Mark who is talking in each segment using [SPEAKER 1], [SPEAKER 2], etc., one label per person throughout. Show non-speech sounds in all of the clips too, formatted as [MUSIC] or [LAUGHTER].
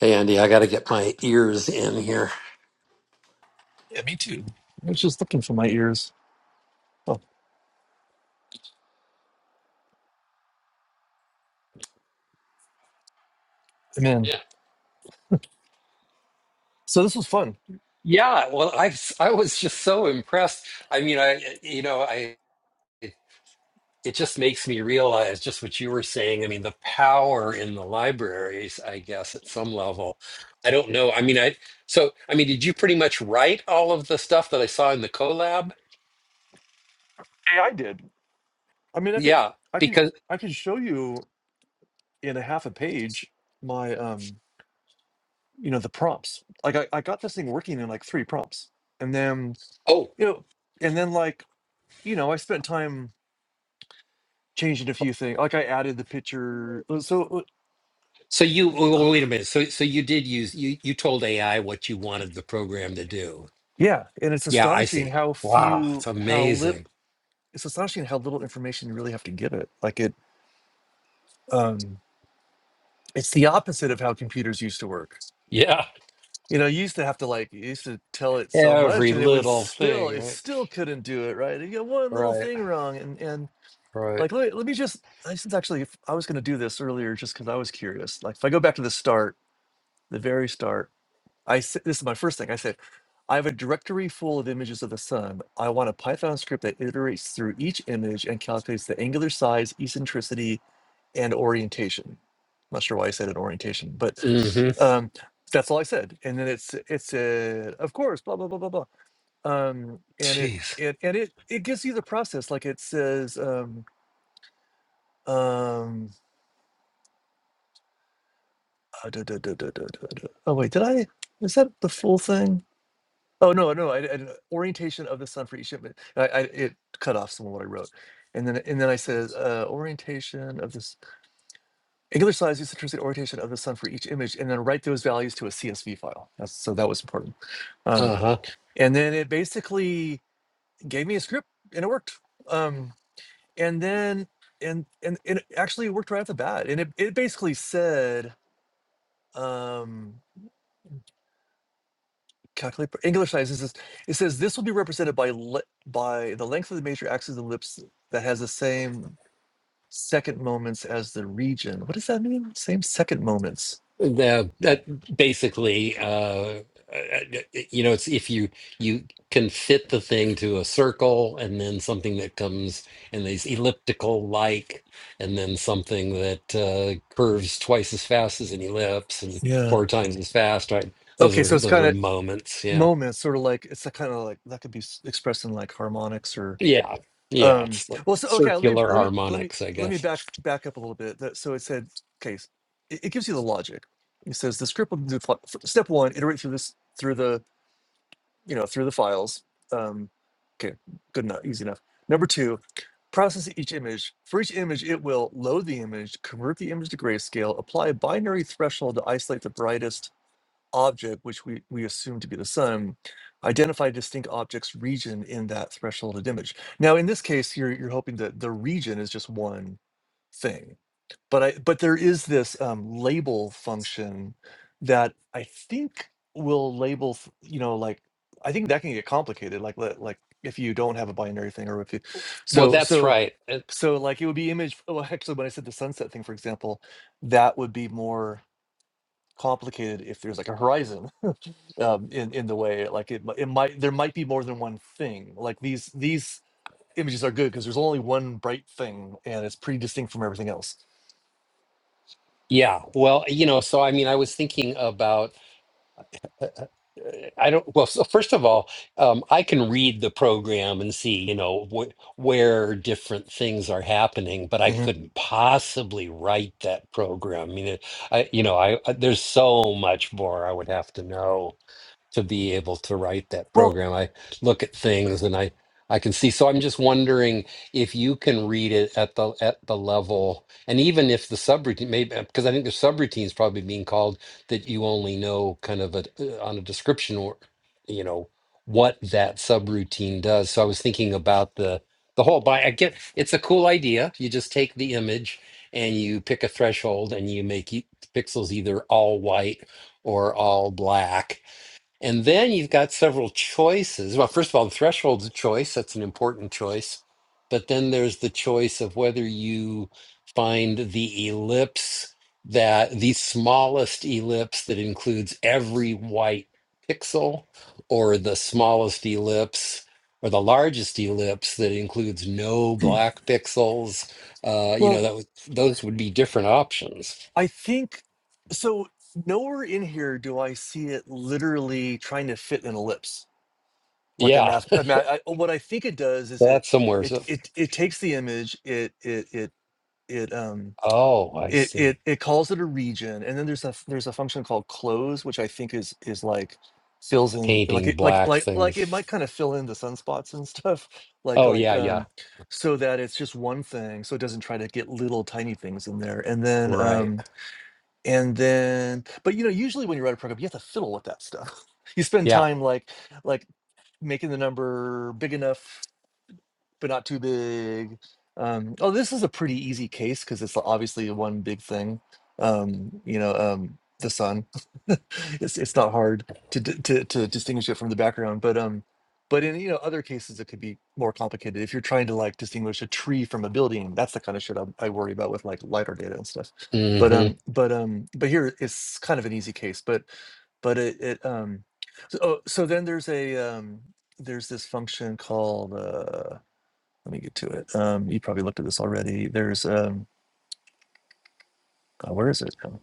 [SPEAKER 1] Hey Andy, I got to get my ears in here.
[SPEAKER 2] Yeah, me too. I was just looking for my ears. Oh man.
[SPEAKER 1] Yeah.
[SPEAKER 2] So this was fun.
[SPEAKER 1] Yeah, well, I I was just so impressed. I mean, I you know, I it, it just makes me realize just what you were saying. I mean, the power in the libraries, I guess, at some level. I don't know. I mean, I so I mean, did you pretty much write all of the stuff that I saw in the collab?
[SPEAKER 2] Yeah, I did. I mean I could
[SPEAKER 1] Yeah,
[SPEAKER 2] I could
[SPEAKER 1] because
[SPEAKER 2] I could show you in a half a page my um you know the prompts. Like I, I got this thing working in like three prompts. And then
[SPEAKER 1] oh,
[SPEAKER 2] you know and then like you know I spent time changing a few things. Like I added the picture Uh, so
[SPEAKER 1] so you
[SPEAKER 2] uh,
[SPEAKER 1] well, wait a minute. So so you did use you you told AI what you wanted the program to do.
[SPEAKER 2] yeah, and it's
[SPEAKER 1] Yeah, I
[SPEAKER 2] astonishing
[SPEAKER 1] see.
[SPEAKER 2] how
[SPEAKER 1] Wow, it's
[SPEAKER 2] few how lip
[SPEAKER 1] amazing.
[SPEAKER 2] it's astonishing how little information you really have to give it. Like it um it's the opposite of how computers used to work.
[SPEAKER 1] Yeah,
[SPEAKER 2] You know, you used to have to like you used to tell it so much,
[SPEAKER 1] every
[SPEAKER 2] and it would
[SPEAKER 1] little
[SPEAKER 2] still
[SPEAKER 1] thing,
[SPEAKER 2] it
[SPEAKER 1] right?
[SPEAKER 2] still couldn't do it right. You got one little
[SPEAKER 1] Right,
[SPEAKER 2] thing wrong, and and
[SPEAKER 1] right.
[SPEAKER 2] like let me, let me just I since actually if I was going to do this earlier just because I was curious. Like if I go back to the start, the very start, I s- this is my first thing I said. I have a directory full of images of the sun. I want a Python script that iterates through each image and calculates the angular size, eccentricity, and orientation. Not sure why I said an orientation, but
[SPEAKER 1] hmm
[SPEAKER 2] um, that's all I said. And then it's it said, of course, blah blah blah blah blah. Um, and it
[SPEAKER 1] Jeez.
[SPEAKER 2] it and it it gives you the process. Like it says, um, um, uh, duh, duh, duh, duh, duh, duh, duh. oh wait, did I? Is that the full thing? Oh no no, I, I, orientation of the sun for each shipment. I, I it cut off some of what I wrote, and then and then I said uh, orientation of the sun. Angular size is the intrinsic orientation of the sun for each image, and then write those values to a CSV file. That's, so that was important. Um,
[SPEAKER 1] Uh-huh.
[SPEAKER 2] and then it basically gave me a script, and it worked. Um, and then and and and it actually worked right off the bat. And it, it basically said um, calculate angular size. It says, it says this will be represented by le- by the length of the major axis of ellipse that has the same second moments as the region. What does that mean? Same second moments.
[SPEAKER 1] That that basically, uh, uh, you know, it's if you you can fit the thing to a circle and then something that comes in these elliptical like, and then something that uh, curves twice as fast as an ellipse and
[SPEAKER 2] Yeah.
[SPEAKER 1] four times as fast, right? Those
[SPEAKER 2] Okay, so
[SPEAKER 1] are
[SPEAKER 2] it's
[SPEAKER 1] those
[SPEAKER 2] kind
[SPEAKER 1] are
[SPEAKER 2] of
[SPEAKER 1] moments. Yeah.
[SPEAKER 2] moment sort of like it's kind of like that could be s- expressed in like harmonics or
[SPEAKER 1] Yeah. Yeah.
[SPEAKER 2] um
[SPEAKER 1] It's like
[SPEAKER 2] well so okay let me
[SPEAKER 1] circular
[SPEAKER 2] let me let me
[SPEAKER 1] harmonics, I
[SPEAKER 2] let me
[SPEAKER 1] guess.
[SPEAKER 2] back back up a little bit that so it said okay s- it, it gives you the logic it says the script will do fi- f- step one iterate through this through the you know through the files um okay good enough easy enough number two process each image for each image it will load the image convert the image to grayscale apply a binary threshold to isolate the brightest object, which we, we assume to be the sun, identify a distinct object's region in that thresholded image. Now, in this case, you're you're hoping that the region is just one thing, but I but there is this um, label function that I think will label, th- you know, like I think that can get complicated, like li- like if you don't have a binary thing or if you,
[SPEAKER 1] Well,
[SPEAKER 2] so
[SPEAKER 1] that's
[SPEAKER 2] so.
[SPEAKER 1] right. Uh,
[SPEAKER 2] So like it would be image well actually when I said the sunset thing for example that would be more complicated if there's like a horizon um, in in the way like it it might there might be more than one thing. Like these these images are good because there's only one bright thing and it's pretty distinct from everything else.
[SPEAKER 1] Yeah. Well, you know, so I mean, I was thinking about, uh, I don't, well, so first of all, um, I can read the program and see, you know, wh where different things are happening, but I
[SPEAKER 2] hmm
[SPEAKER 1] couldn't possibly write that program. I mean, it, I, you know, I, I- there's so much more I would have to know. to be able to write that
[SPEAKER 2] Well,
[SPEAKER 1] program. I look at things and I I can see. So I'm just wondering if you can read it at the at the level, and even if the subroutine, maybe because I think the subroutine is probably being called that you only know kind of a uh, on a description or you know what that subroutine does. So I was thinking about the the whole. But I get it's a cool idea. You just take the image and you pick a threshold and you make e- pixels either all white or all black and then you've got several choices. Well, first of all, the threshold's a choice. That's an important choice. But then there's the choice of whether you find the ellipse that the smallest ellipse that includes every white pixel, or the smallest ellipse or the largest ellipse that includes no black pixels. Uh, you know,
[SPEAKER 2] well,
[SPEAKER 1] that would those would be different options.
[SPEAKER 2] I think so. Nowhere in here do I see it literally trying to fit an ellipse like a
[SPEAKER 1] Yeah.
[SPEAKER 2] math. A math I, what I think it does is
[SPEAKER 1] So
[SPEAKER 2] it
[SPEAKER 1] that's somewhere.
[SPEAKER 2] it
[SPEAKER 1] So,
[SPEAKER 2] it it takes the image it it it it um
[SPEAKER 1] oh, I
[SPEAKER 2] It
[SPEAKER 1] see.
[SPEAKER 2] it it calls it a region, and then there's a f- there's a function called close, which I think is is like fills in like
[SPEAKER 1] painting
[SPEAKER 2] it like
[SPEAKER 1] black
[SPEAKER 2] like like it might
[SPEAKER 1] things.
[SPEAKER 2] kind of fill in the sunspots and stuff [LAUGHS] like
[SPEAKER 1] Oh
[SPEAKER 2] like
[SPEAKER 1] yeah, yeah,
[SPEAKER 2] um so that it's just one thing so it doesn't try to get little tiny things in there and then
[SPEAKER 1] right,
[SPEAKER 2] um and then but you know usually when you write a program you have to fiddle with that stuff [LAUGHS] you spend
[SPEAKER 1] yeah.
[SPEAKER 2] time like like making the number big enough but not too big. Um, oh, this is a pretty easy case because it's obviously one big thing. Um, you know, um, the sun. [LAUGHS] it's it's not hard to, d- to to distinguish it from the background, but um, but in you know other cases it could be more complicated. If you're trying to like distinguish a tree from a building, that's the kind of shit I, I worry about with like lidar data and stuff. But
[SPEAKER 1] hmm
[SPEAKER 2] um, but um, but here it's kind of an easy case. But but it it um, so, oh, so then there's a um, there's this function called. Uh, let me get to it. Um, you probably looked at this already. There's um, oh, where is it? Um,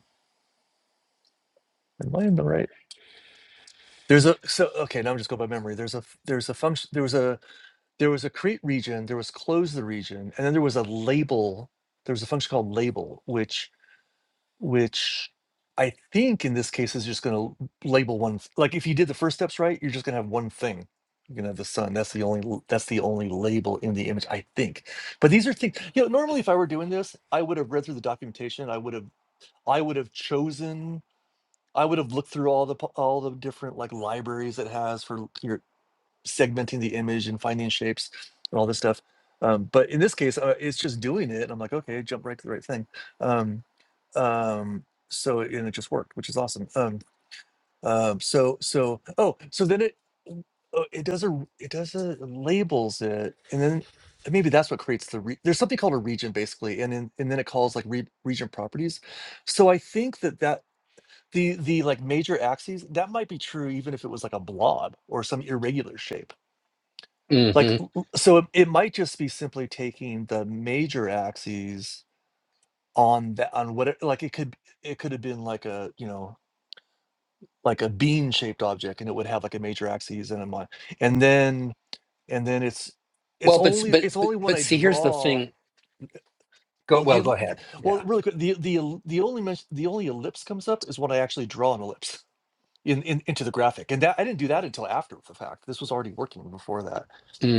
[SPEAKER 2] Am I in the right? There's a so okay. Now I'm just going by memory. There's a f- there's a function. There was a there was a create region. There was close the region, and then there was a label. There was a function called label, which which I think in this case is just going to label one. th- Like if you did the first steps right, you're just going to have one thing. You're going to have the sun. That's the only l- that's the only label in the image, I think. But these are things, you know, normally if I were doing this, I would have read through the documentation. I would have I would have chosen. I would have looked through all the po- all the different like libraries it has for l- your segmenting the image and finding shapes and all this stuff. Um, but in this case, uh, it's just doing it. And I'm like, okay, jump right to the right thing. Um, um, so and it just worked, which is awesome. Um, um, so so oh, so then it w- uh, it does a r- it does a labels it, and then maybe that's what creates the re- there's something called a region basically, and then and then it calls like re- region properties. So I think that that the the, like, major axes, that might be true even if it was like a blob or some irregular shape. Like,
[SPEAKER 1] hmm
[SPEAKER 2] l l so it it might just be simply taking the major axes on that on what it like, it could it could have been like a, you know, like a bean-shaped object, and it would have, like, a major axis and a mi and then and then it's it's
[SPEAKER 1] Well, but
[SPEAKER 2] only
[SPEAKER 1] but
[SPEAKER 2] it's
[SPEAKER 1] but
[SPEAKER 2] only when
[SPEAKER 1] but
[SPEAKER 2] I
[SPEAKER 1] see, here's the
[SPEAKER 2] draw
[SPEAKER 1] thing. Go
[SPEAKER 2] well, the
[SPEAKER 1] well. Go
[SPEAKER 2] el
[SPEAKER 1] ahead. Yeah.
[SPEAKER 2] well, really quick, the the el the only mes the only ellipse comes up is when I actually draw an ellipse. in, in into the graphic and that i didn't do that until after the fact this was already working before that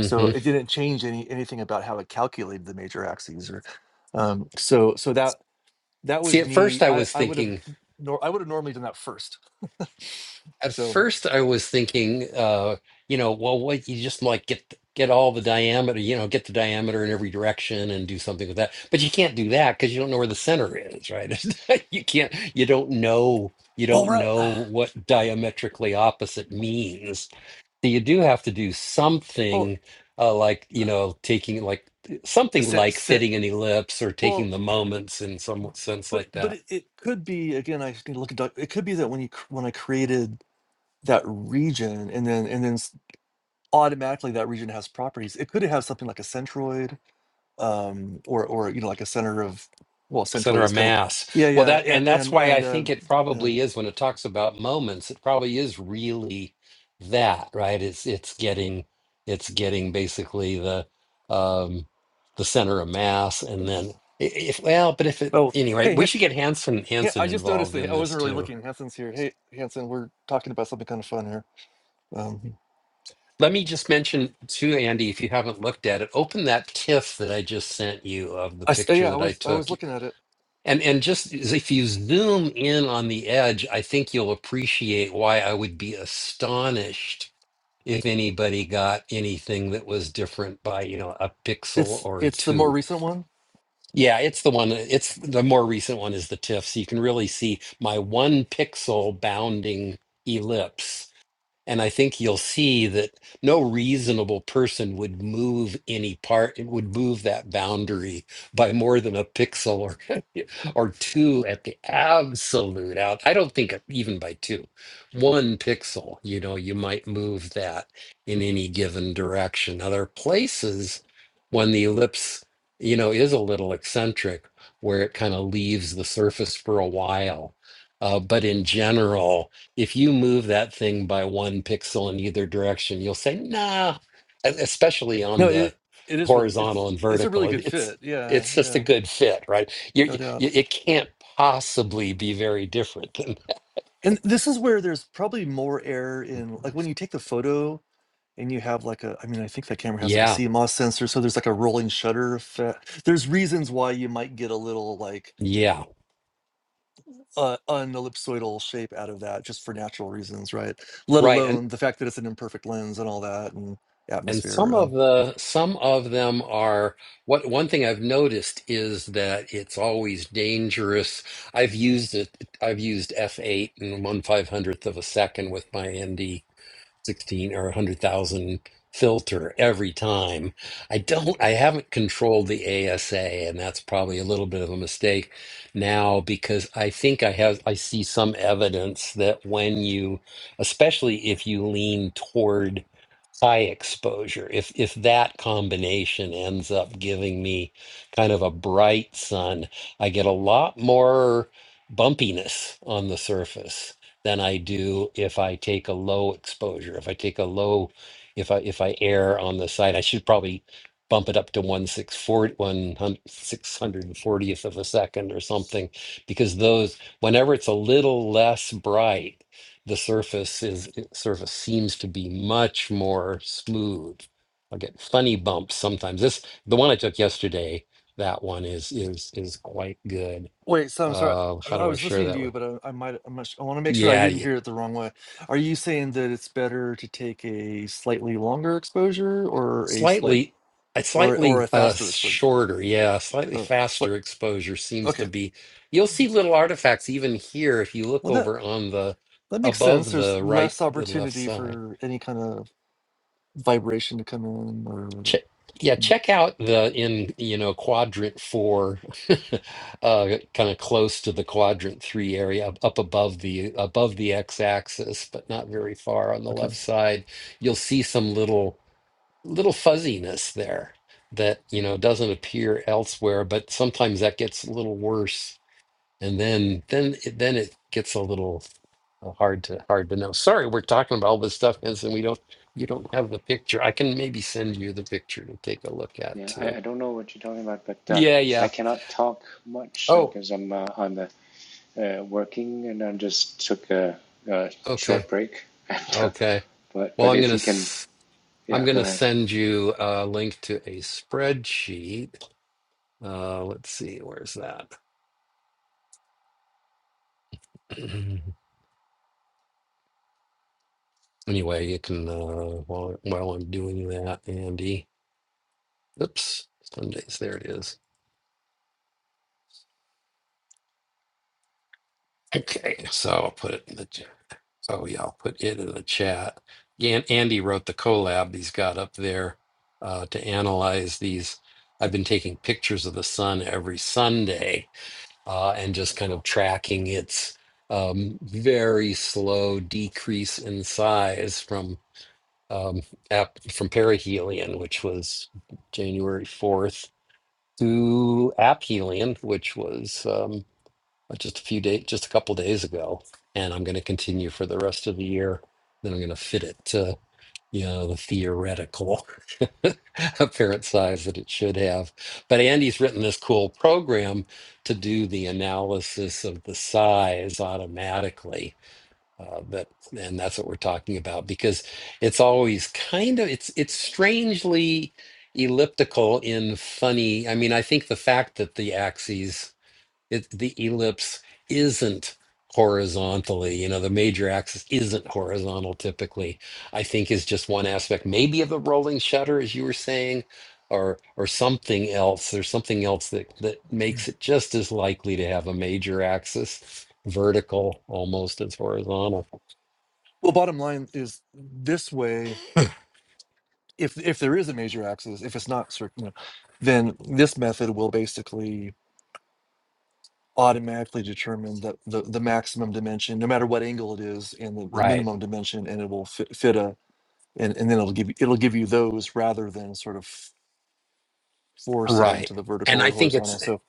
[SPEAKER 2] so it didn't change any anything about how it calculated the major axes or um so so that that
[SPEAKER 1] See,
[SPEAKER 2] was
[SPEAKER 1] at first
[SPEAKER 2] me
[SPEAKER 1] I
[SPEAKER 2] i
[SPEAKER 1] was
[SPEAKER 2] i would have
[SPEAKER 1] thinking.
[SPEAKER 2] nor i would have normally done that first [LAUGHS]
[SPEAKER 1] At
[SPEAKER 2] so
[SPEAKER 1] first I was thinking. Uh, you know, well, what you just like get get all the diameter. You know, get the diameter in every direction and do something with that. But you can't do that because you don't know where the center is, right? [LAUGHS] you can't. You don't know. You
[SPEAKER 2] well
[SPEAKER 1] don't
[SPEAKER 2] we
[SPEAKER 1] know what diametrically opposite means So you do have to do
[SPEAKER 2] well
[SPEAKER 1] something uh, like, you know, taking like something
[SPEAKER 2] se-
[SPEAKER 1] like
[SPEAKER 2] se-
[SPEAKER 1] fitting an ellipse or
[SPEAKER 2] well
[SPEAKER 1] taking the moments in some sense
[SPEAKER 2] but it-
[SPEAKER 1] like
[SPEAKER 2] but
[SPEAKER 1] that.
[SPEAKER 2] it, it could be again i just need to look at doc- it could be that when you cr- when i created that region and then and then s- automatically that region has properties it could have something like a centroid um, or or you know like a center of well centroid
[SPEAKER 1] Center of
[SPEAKER 2] is kind of
[SPEAKER 1] mass.
[SPEAKER 2] yeah
[SPEAKER 1] Well,
[SPEAKER 2] yeah
[SPEAKER 1] that, and
[SPEAKER 2] and
[SPEAKER 1] that's
[SPEAKER 2] and
[SPEAKER 1] why I
[SPEAKER 2] and uh,
[SPEAKER 1] think it
[SPEAKER 2] yeah
[SPEAKER 1] probably is when it talks about moments, it probably is really that, right? It's, it's getting, it's getting basically the, um, the center of mass. And then i- if, well, but if it,
[SPEAKER 2] oh
[SPEAKER 1] anyway,
[SPEAKER 2] hey
[SPEAKER 1] we
[SPEAKER 2] Ha-
[SPEAKER 1] should get Hanson,
[SPEAKER 2] Ha-
[SPEAKER 1] Hanson
[SPEAKER 2] I just noticed
[SPEAKER 1] involved
[SPEAKER 2] that
[SPEAKER 1] in
[SPEAKER 2] I
[SPEAKER 1] this
[SPEAKER 2] wasn't really
[SPEAKER 1] too.
[SPEAKER 2] looking Hanson's here hey Hanson we're talking about something kind of fun here um,
[SPEAKER 1] Let me just mention too, Andy, if you haven't looked at it, open that TIFF that I just sent you of the
[SPEAKER 2] I s-
[SPEAKER 1] picture
[SPEAKER 2] yeah I
[SPEAKER 1] that I
[SPEAKER 2] was I was
[SPEAKER 1] took.
[SPEAKER 2] looking at it
[SPEAKER 1] And and just as if you zoom in on the edge, I think you'll appreciate why I would be astonished if anybody got anything that was different by, you know, a pixel
[SPEAKER 2] it's
[SPEAKER 1] or
[SPEAKER 2] it's the more
[SPEAKER 1] two.
[SPEAKER 2] recent one
[SPEAKER 1] Yeah, it's the one, it's the more recent one is the TIFF. So you can really see my one pixel bounding ellipse and I think you'll see that no reasonable person would move any part, it would move that boundary by more than a pixel or [LAUGHS] or two at the absolute out. I don't think uh, even by two, one pixel, you know, you might move that in any given direction. Now, there are places when the ellipse, you know, is a little eccentric where it kind of leaves the surface for a while. Uh, but in general, if you move that thing by one pixel in either direction, you'll say, nah, e- especially on
[SPEAKER 2] no
[SPEAKER 1] the
[SPEAKER 2] it it is really
[SPEAKER 1] horizontal
[SPEAKER 2] it's
[SPEAKER 1] and
[SPEAKER 2] it's a
[SPEAKER 1] vertical.
[SPEAKER 2] really
[SPEAKER 1] it-
[SPEAKER 2] good
[SPEAKER 1] It's
[SPEAKER 2] fit yeah
[SPEAKER 1] it's just a
[SPEAKER 2] yeah
[SPEAKER 1] good fit, right? You,
[SPEAKER 2] no
[SPEAKER 1] you,
[SPEAKER 2] doubt
[SPEAKER 1] it can't possibly be very different than that.
[SPEAKER 2] and this is where there's probably more error in like when you take the photo And you have like a I mean, I think that camera has like a
[SPEAKER 1] Yeah,
[SPEAKER 2] CMOS sensor, so there's like a rolling shutter effect. There's reasons why you might get a little like
[SPEAKER 1] yeah,
[SPEAKER 2] uh, unellipsoidal shape out of that just for natural reasons, right? Let
[SPEAKER 1] right. And
[SPEAKER 2] alone the fact that it's an imperfect lens and all that and
[SPEAKER 1] and
[SPEAKER 2] atmosphere.
[SPEAKER 1] some of
[SPEAKER 2] Um,
[SPEAKER 1] the some of them are what one thing I've noticed is that it's always dangerous. I've used it. I've used f8 and one five hundredth of a second with my ND 16 or 100,000 filter every time. I don't, I haven't controlled the ASA, and that's probably a little bit of a mistake now because I think I have, I see some evidence that when you, especially if you lean toward high exposure, if if that combination ends up giving me kind of a bright sun, I get a lot more bumpiness on the surface than I do if I take a low exposure. If I take a low, if I if I err on the side, I should probably bump it up to one six forty one six hundred and fortieth of a second or something, because those whenever it's a little less bright, the surface is surface seems to be much more smooth. I get funny bumps sometimes. This the one I took yesterday. That one is is is quite good.
[SPEAKER 2] Wait, so I'm sorry. I
[SPEAKER 1] Uh, how
[SPEAKER 2] I
[SPEAKER 1] do I
[SPEAKER 2] was
[SPEAKER 1] share
[SPEAKER 2] listening to
[SPEAKER 1] that
[SPEAKER 2] you,
[SPEAKER 1] with?
[SPEAKER 2] but I, I might. I'm not, su- I want to make sure I
[SPEAKER 1] Yeah,
[SPEAKER 2] didn't
[SPEAKER 1] yeah.
[SPEAKER 2] hear it the wrong way. Are you saying that it's better to take a slightly longer exposure, or a slight,
[SPEAKER 1] Slightly, a
[SPEAKER 2] or or
[SPEAKER 1] slightly
[SPEAKER 2] a
[SPEAKER 1] uh,
[SPEAKER 2] faster exposure?
[SPEAKER 1] shorter, yeah, slightly
[SPEAKER 2] Oh, sli-
[SPEAKER 1] faster exposure seems to
[SPEAKER 2] okay.
[SPEAKER 1] be. You'll see little artifacts even here if you look
[SPEAKER 2] Well, that
[SPEAKER 1] over on the
[SPEAKER 2] that makes sense.
[SPEAKER 1] above
[SPEAKER 2] There's
[SPEAKER 1] the right,
[SPEAKER 2] less
[SPEAKER 1] the left
[SPEAKER 2] opportunity
[SPEAKER 1] side.
[SPEAKER 2] for any kind of vibration to come in, or
[SPEAKER 1] Check, yeah, check out the in you know quadrant four, [LAUGHS] uh, kind of close to the quadrant three area, up up above the above the x-axis, but not very far on the
[SPEAKER 2] okay.
[SPEAKER 1] left side. You'll see some little. little fuzziness there that you know doesn't appear elsewhere but sometimes that gets a little worse and then then it, then it gets a little uh, hard to hard to know sorry we're talking about all this stuff Vince, and we don't you don't have the picture i can maybe send you the picture to take a look at
[SPEAKER 3] Yeah,
[SPEAKER 1] too
[SPEAKER 3] I, I don't know what you're talking about, but uh,
[SPEAKER 1] yeah
[SPEAKER 3] I
[SPEAKER 1] yeah
[SPEAKER 3] cannot talk much
[SPEAKER 1] oh
[SPEAKER 3] because uh, I'm uh, on the uh, working and I just took a, a
[SPEAKER 1] okay
[SPEAKER 3] short break. [LAUGHS] And uh,
[SPEAKER 1] okay
[SPEAKER 3] but
[SPEAKER 1] well
[SPEAKER 3] but
[SPEAKER 1] i'm
[SPEAKER 3] if
[SPEAKER 1] gonna
[SPEAKER 3] you can,
[SPEAKER 1] s- i'm
[SPEAKER 3] yeah, go
[SPEAKER 1] gonna
[SPEAKER 3] ahead.
[SPEAKER 1] send you a link to a spreadsheet uh let's see where's that [CLEARS THROAT] Anyway, you can, uh, while, while I'm doing that, Andy, oops, Sundays, there it is. Okay, so I'll put it in the, ch- oh yeah, I'll put it in the chat. An- Andy wrote the collab he's got up there uh, to analyze these. I've been taking pictures of the sun every Sunday uh, and just kind of tracking its um, very slow decrease in size from um, ap- from perihelion, which was January 4th to App Helium, which was um, uh, just a few days, just a couple days ago, and I'm going to continue for the rest of the year. Then I'm going to fit it to you know the theoretical [LAUGHS] apparent size that it should have. But Andy's written this cool program to do the analysis of the size automatically uh, that and that's what we're talking about because it's always kind of it's it's strangely elliptical in funny. I mean, I think the fact that the axes, it, the ellipse isn't horizontally, you know, the major axis isn't horizontal typically, I think is just one aspect, maybe of the rolling shutter, as you were saying, or or something else. There's something else that that makes it just as likely to have a major axis vertical almost as horizontal.
[SPEAKER 2] Well, bottom line is this way. If if there is a major axis, if it's not circular, then this method will basically automatically determine the, the, the maximum dimension, no matter what angle it is, and the, the
[SPEAKER 1] Right.
[SPEAKER 2] minimum dimension, and it will fit, fit a, and, and then it'll give you, it'll give you those rather than sort of force it
[SPEAKER 1] Right.
[SPEAKER 2] onto the vertical
[SPEAKER 1] And I
[SPEAKER 2] or
[SPEAKER 1] think it's
[SPEAKER 2] horizontal. So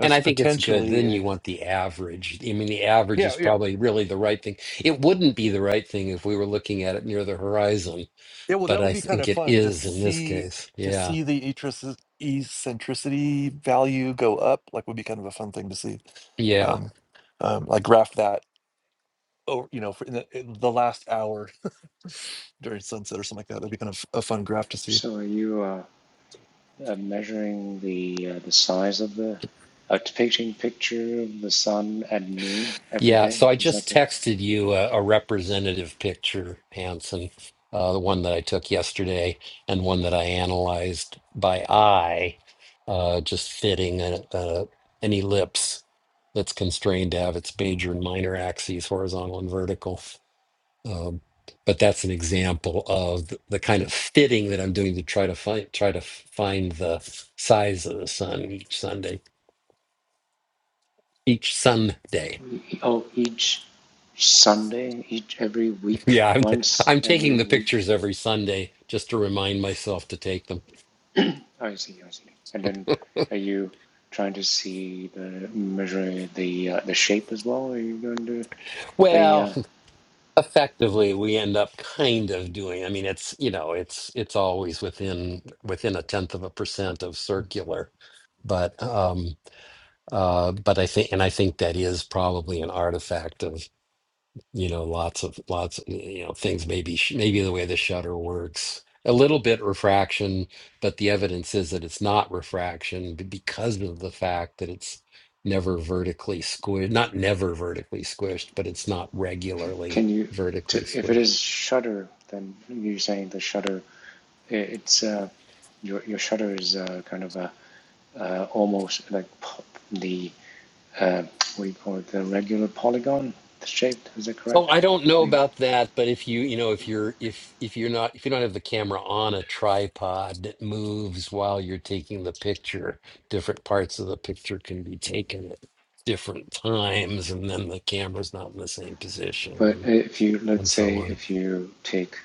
[SPEAKER 1] and I think it's good.
[SPEAKER 2] potentially
[SPEAKER 1] Then you
[SPEAKER 2] a,
[SPEAKER 1] want the average. I mean, the average
[SPEAKER 2] yeah,
[SPEAKER 1] is
[SPEAKER 2] yeah.
[SPEAKER 1] probably really the right thing. It wouldn't be the right thing if we were looking at it near the horizon,
[SPEAKER 2] Yeah, well,
[SPEAKER 1] but
[SPEAKER 2] that would
[SPEAKER 1] I
[SPEAKER 2] be kind
[SPEAKER 1] think
[SPEAKER 2] of
[SPEAKER 1] it
[SPEAKER 2] fun to
[SPEAKER 1] is in this
[SPEAKER 2] see,
[SPEAKER 1] case.
[SPEAKER 2] to
[SPEAKER 1] Yeah.
[SPEAKER 2] see the eccentrici- eccentricity value go up, like would be kind of a fun thing to see.
[SPEAKER 1] Yeah.
[SPEAKER 2] Um, um, like graph that, oh, you know, for in the, in the last hour [LAUGHS] during sunset or something like that. That'd be kind of a fun graph to see.
[SPEAKER 3] So are you uh, uh, measuring the uh, the size of the a depicting picture of the sun at noon every
[SPEAKER 1] Yeah,
[SPEAKER 3] day?
[SPEAKER 1] so I
[SPEAKER 3] Is that
[SPEAKER 1] just
[SPEAKER 3] the
[SPEAKER 1] texted you a, a representative picture, Hanson, uh, the one that I took yesterday and one that I analyzed by eye, uh, just fitting a, a, an ellipse that's constrained to have its major and minor axes, horizontal and vertical. Um, but that's an example of the, the kind of fitting that I'm doing to try to find try to find the size of the sun each Sunday, each Sunday.
[SPEAKER 3] oh each Sunday each every week
[SPEAKER 1] Yeah, I'm t-
[SPEAKER 3] once
[SPEAKER 1] I'm taking
[SPEAKER 3] every
[SPEAKER 1] the
[SPEAKER 3] week?
[SPEAKER 1] pictures every Sunday just to remind myself to take them.
[SPEAKER 3] [CLEARS THROAT] I see, I see. And then are you trying to see the measure the uh, the shape as well? Are you going to the
[SPEAKER 1] Well,
[SPEAKER 3] uh,
[SPEAKER 1] effectively, we end up kind of doing. I mean, it's you know, it's it's always within within a tenth of a percent of circular, but um, uh, but I think and I think that is probably an artifact of. you know, lots of lots, you know, things maybe sh- maybe the way the shutter works, a little bit refraction, but the evidence is that it's not refraction b- because of the fact that it's never vertically squished, not never vertically squished, but it's not regularly
[SPEAKER 3] can you
[SPEAKER 1] vertically
[SPEAKER 3] to, if it
[SPEAKER 1] squished.
[SPEAKER 3] is shutter, then you're saying the shutter it's uh, your your shutter is uh, kind of a uh, almost like the uh, what do you call it the regular polygon shaped. Is that
[SPEAKER 1] So
[SPEAKER 3] correct?
[SPEAKER 1] I don't know
[SPEAKER 3] The,
[SPEAKER 1] about that, but if you, you know, if you're if if you're not if you don't have the camera on a tripod that moves while you're taking the picture, different parts of the picture can be taken at different times, and then the camera's not in the same position
[SPEAKER 3] but
[SPEAKER 1] and
[SPEAKER 3] if you
[SPEAKER 1] and
[SPEAKER 3] let's say
[SPEAKER 1] so on.
[SPEAKER 3] if you take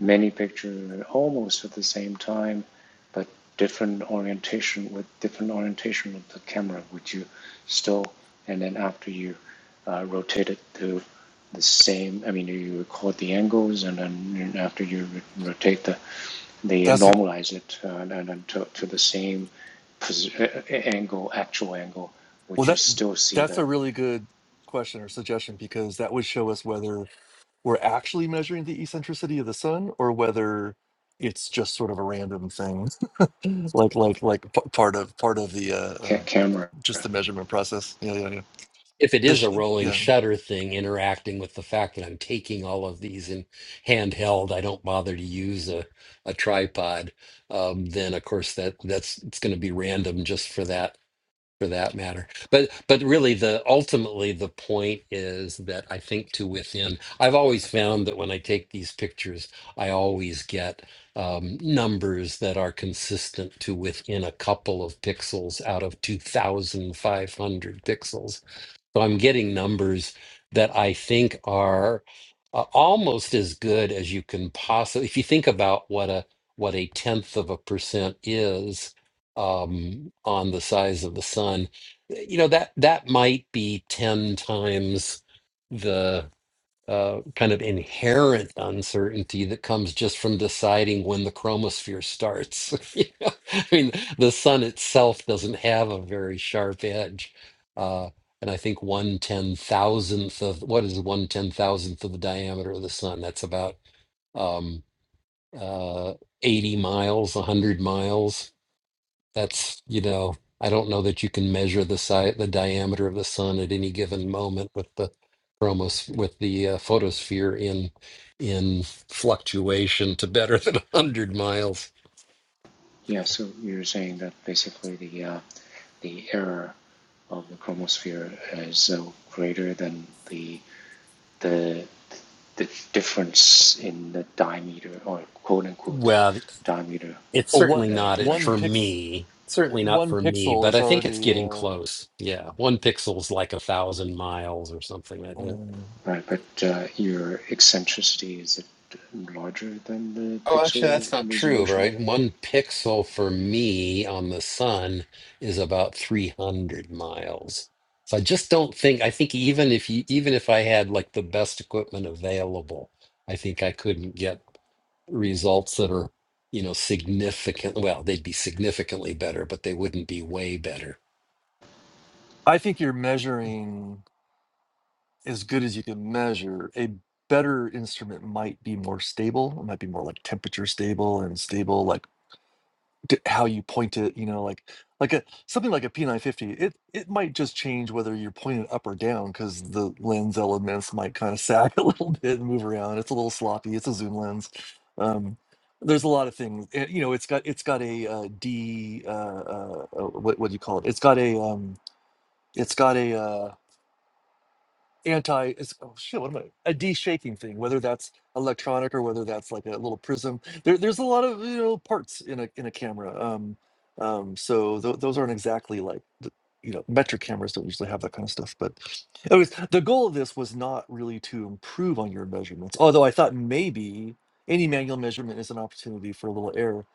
[SPEAKER 3] many pictures almost at the same time, but different orientation with different orientation of the camera, which you stole, and then after you uh, rotate it to the same. I mean, you record the angles, and then after you rotate the, they
[SPEAKER 2] That's a-
[SPEAKER 3] normalize it, uh, and, then to, to the same pos- angle, actual angle,
[SPEAKER 2] well
[SPEAKER 3] which you
[SPEAKER 2] that
[SPEAKER 3] still see
[SPEAKER 2] that's
[SPEAKER 3] the
[SPEAKER 2] a really good question or suggestion because that would show us whether we're actually measuring the eccentricity of the sun or whether it's just sort of a random thing [LAUGHS] like like like p- part of part of the uh,
[SPEAKER 3] ca-
[SPEAKER 2] uh
[SPEAKER 3] camera.
[SPEAKER 2] just the measurement process yeah yeah yeah
[SPEAKER 1] If it
[SPEAKER 2] this
[SPEAKER 1] is a
[SPEAKER 2] sh-
[SPEAKER 1] rolling
[SPEAKER 2] yeah
[SPEAKER 1] shutter thing interacting with the fact that I'm taking all of these in handheld, I don't bother to use a a tripod, um, then of course that that's it's going to be random just for that for that matter. But but really the ultimately the point is that I think to within I've always found that when I take these pictures, I always get um, numbers that are consistent to within a couple of pixels out of 2,500 pixels so I'm getting numbers that I think are uh, almost as good as you can possibly. If you think about what a what a tenth of a percent is um, on the size of the sun, eh, you know that that might be ten times the uh, kind of inherent uncertainty that comes just from deciding when the chromosphere starts. [LAUGHS] You know? I mean, the sun itself doesn't have a very sharp edge. Uh, and I think one ten thousandth of what is one ten thousandth of the diameter of the sun? That's about um, uh, 80 miles, 100 miles. That's, you know, I don't know that you can measure the size, the diameter of the sun at any given moment with the chromos with the uh, photosphere in in fluctuation to better [LAUGHS] than 100 miles.
[SPEAKER 3] Yeah, so you're saying that basically the uh, the error of the chromosphere is uh, greater than the the the difference in the diameter or quote unquote
[SPEAKER 1] Well,
[SPEAKER 3] diameter
[SPEAKER 1] it's
[SPEAKER 2] oh what
[SPEAKER 1] certainly
[SPEAKER 3] uh,
[SPEAKER 1] not
[SPEAKER 3] you
[SPEAKER 1] it
[SPEAKER 2] one
[SPEAKER 1] for
[SPEAKER 3] measure,
[SPEAKER 2] pix
[SPEAKER 1] me. Certainly not
[SPEAKER 2] one
[SPEAKER 1] for me,
[SPEAKER 2] pixel
[SPEAKER 1] but
[SPEAKER 2] is
[SPEAKER 1] I think it's
[SPEAKER 2] already
[SPEAKER 1] getting
[SPEAKER 2] uh
[SPEAKER 1] close. Yeah, one pixel's like a thousand miles or something. I think.
[SPEAKER 2] um,
[SPEAKER 3] right? But uh, your eccentricity is it larger than the
[SPEAKER 1] Oh, actually,
[SPEAKER 3] pixel
[SPEAKER 1] that's not true,
[SPEAKER 3] resolution?
[SPEAKER 1] right? One pixel for me on the sun is about 300 miles. So I just don't think, I think even if you, even if I had like the best equipment available, I think I couldn't get results that are, you know, significant. Well, they'd be significantly better, but they wouldn't be way better.
[SPEAKER 2] i think you're measuring as good as you can measure, a better instrument might be more stable. It might be more like temperature stable and stable, like d- how you point it. You know, like like a something like a P950. It it might just change whether you're pointing up or down because the lens elements might kind of sag [LAUGHS] a little bit and move around. It's a little sloppy. It's a zoom lens. Um, there's a lot of things. And, you know, it's got it's got a uh, D. Uh, uh, uh, what what do you call it? It's got a um, it's got a uh, anti is oh shit what am i a de-shaking thing whether that's electronic or whether that's like a little prism there, there's a lot of you know parts in a in a camera um um so tho- those aren't exactly like the, you know metric cameras don't usually have that kind of stuff but anyways the goal of this was not really to improve on your measurements although i thought maybe any manual measurement is an opportunity for a little error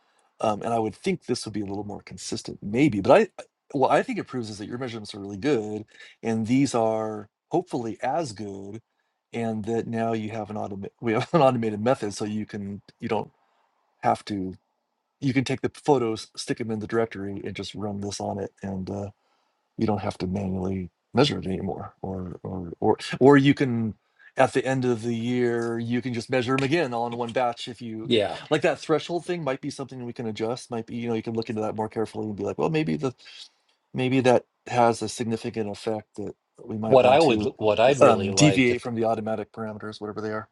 [SPEAKER 2] um, and i would think this would be a little more consistent maybe but i I- what i think it proves is that your measurements are really good and these are hopefully as good and that now you have an automated we have [LAUGHS] an automated method so you can you don't have to you can take the photos stick them in the directory and just run this on it and uh, you don't have to manually measure it anymore or or or or you can at the end of the year you can just measure them again all in one batch if you if
[SPEAKER 1] Yeah.
[SPEAKER 2] like that threshold thing might be something we can adjust might be you know you can look into that more carefully and be like well maybe the maybe that has a significant effect that we might
[SPEAKER 1] What I
[SPEAKER 2] want
[SPEAKER 1] would,
[SPEAKER 2] to
[SPEAKER 1] what I'd
[SPEAKER 2] um,
[SPEAKER 1] really
[SPEAKER 2] deviate
[SPEAKER 1] like
[SPEAKER 2] from the automatic parameters whatever they are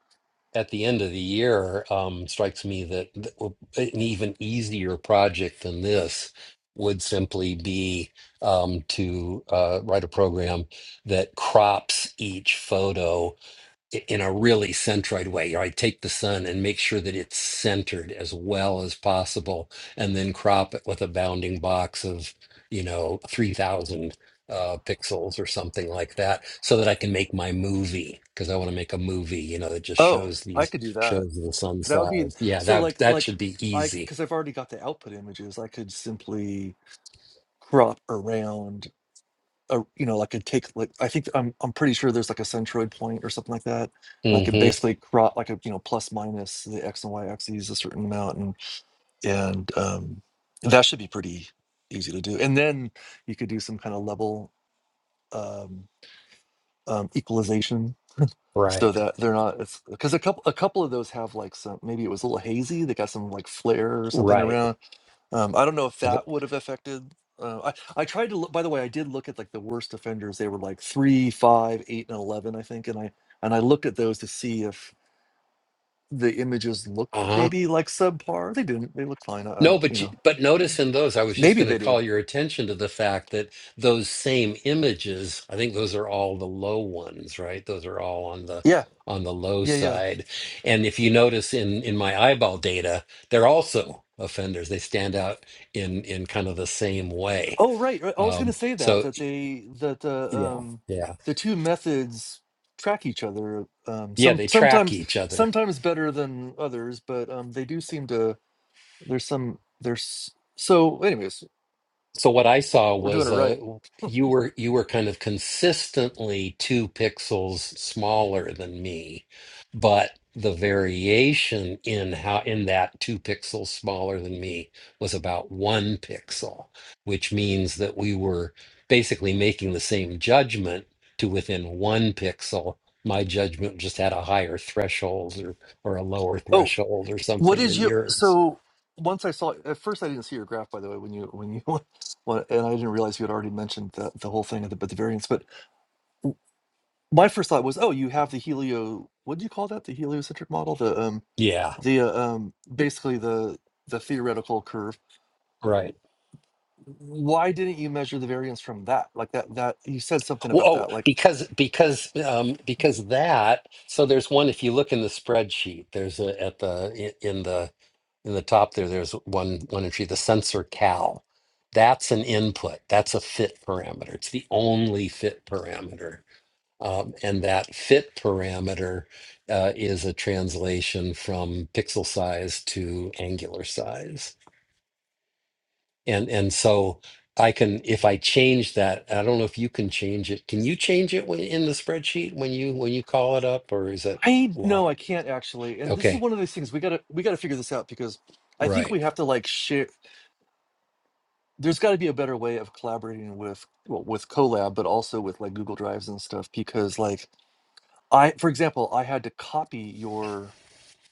[SPEAKER 1] at the end of the year, um, strikes me that, that w- an even easier project than this would simply be um, to uh, write a program that crops each photo i- in a really centroid way. I take the sun and make sure that it's centered as well as possible, and then crop it with a bounding box of, you know, 3000 uh, pixels or something like that, so that I can make my movie because I want to make a movie, you know, that just
[SPEAKER 2] oh
[SPEAKER 1] shows
[SPEAKER 2] i
[SPEAKER 1] these
[SPEAKER 2] could do that
[SPEAKER 1] shows the sun
[SPEAKER 2] that would be
[SPEAKER 1] size. Yeah,
[SPEAKER 2] so
[SPEAKER 1] that
[SPEAKER 2] like
[SPEAKER 1] that
[SPEAKER 2] like
[SPEAKER 1] should be
[SPEAKER 2] i
[SPEAKER 1] easy.
[SPEAKER 2] because i've already got the output images i could simply crop around a you know like I take like I think I'm I'm pretty sure there's like a centroid point or something like that. And I could
[SPEAKER 1] hmm
[SPEAKER 2] basically crop like a you know plus minus the x and y axes a certain amount and and um, that should be pretty easy to do. And then you could do some kind of level um, um, equalization
[SPEAKER 1] Right.
[SPEAKER 2] so that they're not it's because a couple a couple of those have like some maybe it was a little hazy they got some like flare or something
[SPEAKER 1] Right.
[SPEAKER 2] around um, I don't know if
[SPEAKER 1] Uh
[SPEAKER 2] that would have affected. Uh, I I tried to look. By the way, I did look at like the worst offenders. They were like three, five, eight, and eleven, I think. And I and I looked at those to see if the images looked
[SPEAKER 1] huh.
[SPEAKER 2] maybe like subpar. They didn't. They look fine. I, I
[SPEAKER 1] No,
[SPEAKER 2] don't. You
[SPEAKER 1] but you-
[SPEAKER 2] know.
[SPEAKER 1] but notice in those, I was just
[SPEAKER 2] Maybe
[SPEAKER 1] going to
[SPEAKER 2] they did.
[SPEAKER 1] call your attention to the fact that those same images, I think those are all the low ones, right? Those are all on the
[SPEAKER 2] Yeah.
[SPEAKER 1] on the low
[SPEAKER 2] Yeah. Yeah.
[SPEAKER 1] side. And if you notice in in my eyeball data, they're also offenders. They stand out in in kind of the same way.
[SPEAKER 2] Oh right. right. I was going to
[SPEAKER 1] Um,
[SPEAKER 2] say that
[SPEAKER 1] so
[SPEAKER 2] that they that the
[SPEAKER 1] yeah,
[SPEAKER 2] um
[SPEAKER 1] yeah,
[SPEAKER 2] the two methods track each other. Um.
[SPEAKER 1] yeah.
[SPEAKER 2] Some
[SPEAKER 1] They track
[SPEAKER 2] sometimes
[SPEAKER 1] each other.
[SPEAKER 2] sometimes better than others, but um they do seem to. There's some there's so anyways
[SPEAKER 1] So what I saw
[SPEAKER 2] We're doing
[SPEAKER 1] was
[SPEAKER 2] it
[SPEAKER 1] uh
[SPEAKER 2] right.
[SPEAKER 1] you were you were kind of consistently two pixels smaller than me, but the variation in how in that two pixels smaller than me was about one pixel, which means that we were basically making the same judgment to within one pixel. My judgment just had a higher threshold or or a lower
[SPEAKER 2] Oh,
[SPEAKER 1] threshold or
[SPEAKER 2] what
[SPEAKER 1] something
[SPEAKER 2] is
[SPEAKER 1] than
[SPEAKER 2] you?
[SPEAKER 1] yours.
[SPEAKER 2] So once I saw at first, I didn't see your graph, by the way, when you when you [LAUGHS] when, and I didn't realize you had already mentioned that the whole thing at the but the variance. But my first thought was, oh, you have the helio. What do you call that? The heliocentric model. The um
[SPEAKER 1] Yeah,
[SPEAKER 2] the uh, um basically the the theoretical curve.
[SPEAKER 1] Right.
[SPEAKER 2] Why didn't you measure the variance from that? Like that that you said something
[SPEAKER 1] Well,
[SPEAKER 2] about
[SPEAKER 1] oh,
[SPEAKER 2] that. Like
[SPEAKER 1] because because um, because that. So there's one. If you look in the spreadsheet, there's a at the i- in the in the top there. There's one one entry. The sensor cal. That's an input. That's a fit parameter. It's the only fit parameter, um, and that fit parameter uh, is a translation from pixel size to angular size and and so I can if I change that, I don't know if you can change it. Can you change it when, in the spreadsheet when you when you call it up, or is it
[SPEAKER 2] I no,
[SPEAKER 1] locked?
[SPEAKER 2] I can't actually. And this is
[SPEAKER 1] Okay,
[SPEAKER 2] one of these things we gotta we gotta figure this out because I think
[SPEAKER 1] right.
[SPEAKER 2] we have to like share. there's got to be a better way of collaborating with well, with Colab, but also with like Google Drives and stuff. Because like I, for example, I had to copy your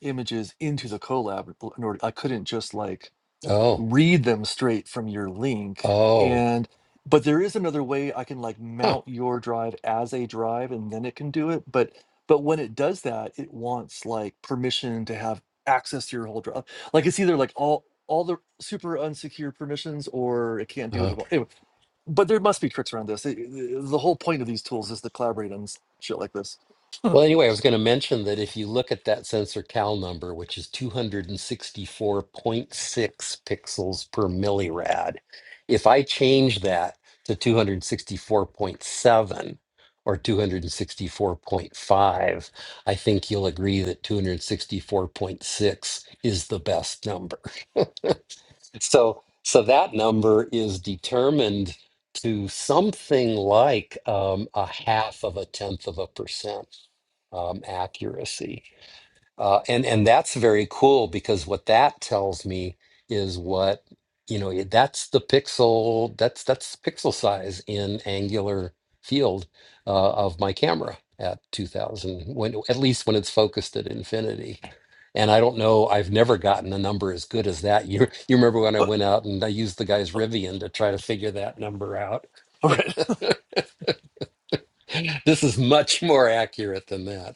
[SPEAKER 2] images into the Colab in order. I couldn't just like
[SPEAKER 1] Oh,
[SPEAKER 2] read them straight from your link
[SPEAKER 1] oh,
[SPEAKER 2] and but there is another way i can like
[SPEAKER 1] huh.
[SPEAKER 2] mount your drive as a drive and then it can do it but but when it does that it wants like permission to have access to your whole drive like it's either like all all the super unsecure permissions or it can't do
[SPEAKER 1] oh.
[SPEAKER 2] it at all anyway but there must be tricks around this It- it- the whole point of these tools is to collaborate on s- shit like this [LAUGHS] but
[SPEAKER 1] Well, anyway, I was going to mention that if you look at that sensor cal number, which is 264.6 pixels per millirad, if I change that to 264.7 or 264.5, I think you'll agree that 264.6 is the best number. [LAUGHS] So so that number is determined to something like um, a half of a tenth of a percent um, accuracy uh, and and that's very cool because what that tells me is what you know it- that's the pixel that's that's pixel size in angular field uh, of my camera at 2000 when at least when it's focused at infinity and i don't know i've never gotten a number as good as that [LAUGHS] you you remember when i
[SPEAKER 2] all
[SPEAKER 1] went out and i used the guy's rivian to try to figure that number out
[SPEAKER 2] right
[SPEAKER 1] [LAUGHS] this is much more accurate than that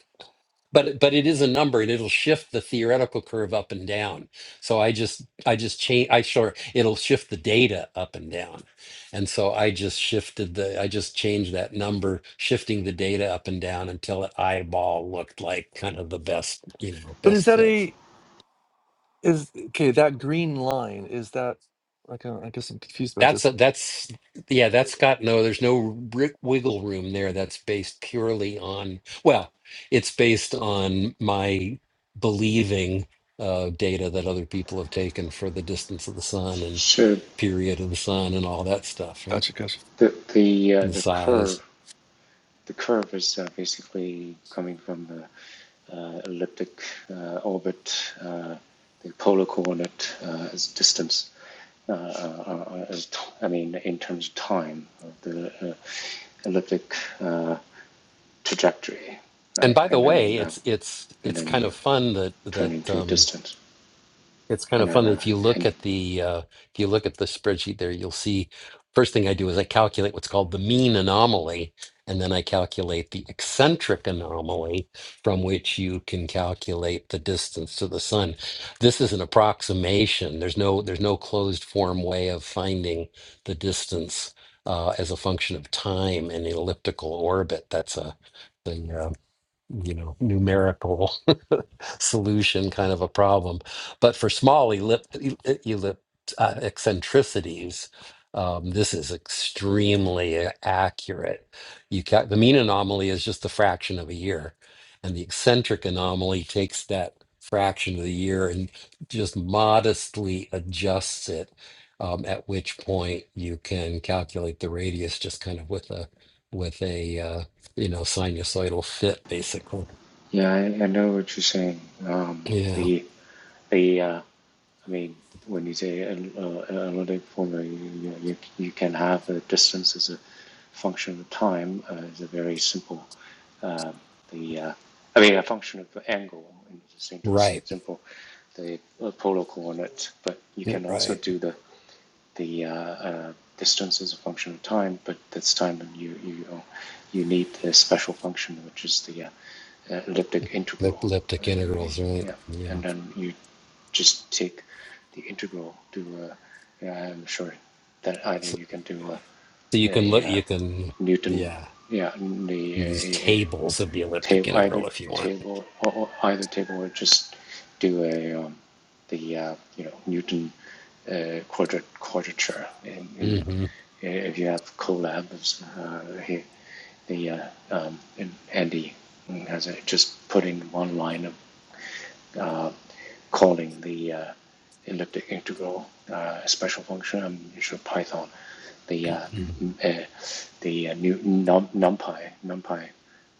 [SPEAKER 1] but but it is a number and it'll shift the theoretical curve up and down so i just i just change i sure it'll shift the data up and down and so i just shifted the i just changed that number shifting the data up and down until it eyeball looked like kind of the best you know
[SPEAKER 2] but is
[SPEAKER 1] best
[SPEAKER 2] that
[SPEAKER 1] fit
[SPEAKER 2] a is okay that green line is that like i don't- I guess i'm confused about
[SPEAKER 1] That's
[SPEAKER 2] this
[SPEAKER 1] a, that's yeah, that's got no. There's no ri wiggle room there. That's based purely on well, it's based on my believing uh, data that other people have taken for the distance of the sun and
[SPEAKER 3] So
[SPEAKER 1] period of the sun and all that stuff, right?
[SPEAKER 2] Gotcha. Gotcha.
[SPEAKER 3] the the uh,
[SPEAKER 1] And the
[SPEAKER 3] the curve
[SPEAKER 1] size.
[SPEAKER 3] the curve is uh, basically coming from the uh, elliptic uh, orbit, uh, the polar coordinate uh, as distance. Uh, uh, uh, as t- I mean, in terms of time of the uh, elliptic uh, trajectory,
[SPEAKER 1] And
[SPEAKER 3] right?
[SPEAKER 1] by the
[SPEAKER 3] And then
[SPEAKER 1] way,
[SPEAKER 3] you have,
[SPEAKER 1] it's it's
[SPEAKER 3] and
[SPEAKER 1] it's
[SPEAKER 3] then
[SPEAKER 1] kind
[SPEAKER 3] you
[SPEAKER 1] of fun that
[SPEAKER 3] turn
[SPEAKER 1] that.
[SPEAKER 3] into a
[SPEAKER 1] um,
[SPEAKER 3] distance,
[SPEAKER 1] It's kind
[SPEAKER 3] and
[SPEAKER 1] of
[SPEAKER 3] then
[SPEAKER 1] fun.
[SPEAKER 3] uh,
[SPEAKER 1] If you look
[SPEAKER 3] and
[SPEAKER 1] at the uh, if you look at the spreadsheet there, you'll see first thing I do is I calculate what's called the mean anomaly, and then I calculate the eccentric anomaly from which you can calculate the distance to the sun. This is an approximation. There's no there's no closed form way of finding the distance uh, as a function of time in an elliptical orbit. That's a thing you know numerical [LAUGHS] solution kind of a problem but for small ellipt, ellipt uh, eccentricities um, this is extremely a- accurate you ca the mean anomaly is just the fraction of a year and the eccentric anomaly takes that fraction of the year and just modestly adjusts it um, at which point you can calculate the radius just kind of with a with a uh, you know, sinusoidal fit, basically.
[SPEAKER 3] Yeah, I, I know what you're saying. Um,
[SPEAKER 1] Yeah,
[SPEAKER 3] the the uh, I mean, when you say an- uh, an analytic formula, you, you, you can have the distance as a function of time uh, is a very simple. um the uh, I mean, a function of the angle and it's a
[SPEAKER 1] right,
[SPEAKER 3] simple the uh, polar coordinate. But you can also
[SPEAKER 1] right.
[SPEAKER 3] do the the uh, uh, distance is a function of time, but that's time, when you you uh, you need the special function, which is the uh, uh, elliptic integral.
[SPEAKER 1] Elliptic integrals, right?
[SPEAKER 3] Yeah,
[SPEAKER 1] Yeah.
[SPEAKER 3] and then you just take the integral to. Uh, yeah, I'm sure that either
[SPEAKER 1] So,
[SPEAKER 3] you can do a,
[SPEAKER 1] so you can
[SPEAKER 3] a,
[SPEAKER 1] look,
[SPEAKER 3] uh
[SPEAKER 1] you can,
[SPEAKER 3] Newton,
[SPEAKER 1] yeah,
[SPEAKER 3] yeah,
[SPEAKER 1] use
[SPEAKER 3] the uh,
[SPEAKER 1] tables of the elliptic
[SPEAKER 3] table either
[SPEAKER 1] integral if you want.
[SPEAKER 3] table or, or either table or just do a um, the uh, you know Newton uh, quadrat quadrature in, in
[SPEAKER 1] hmm
[SPEAKER 3] uh, if you have collabs uh, here the uh, um, and Andy has it just putting one line of uh, calling the uh, elliptic integral uh, a special function. I'm sure Python, the uh, uh, the uh, new num, numpy numpy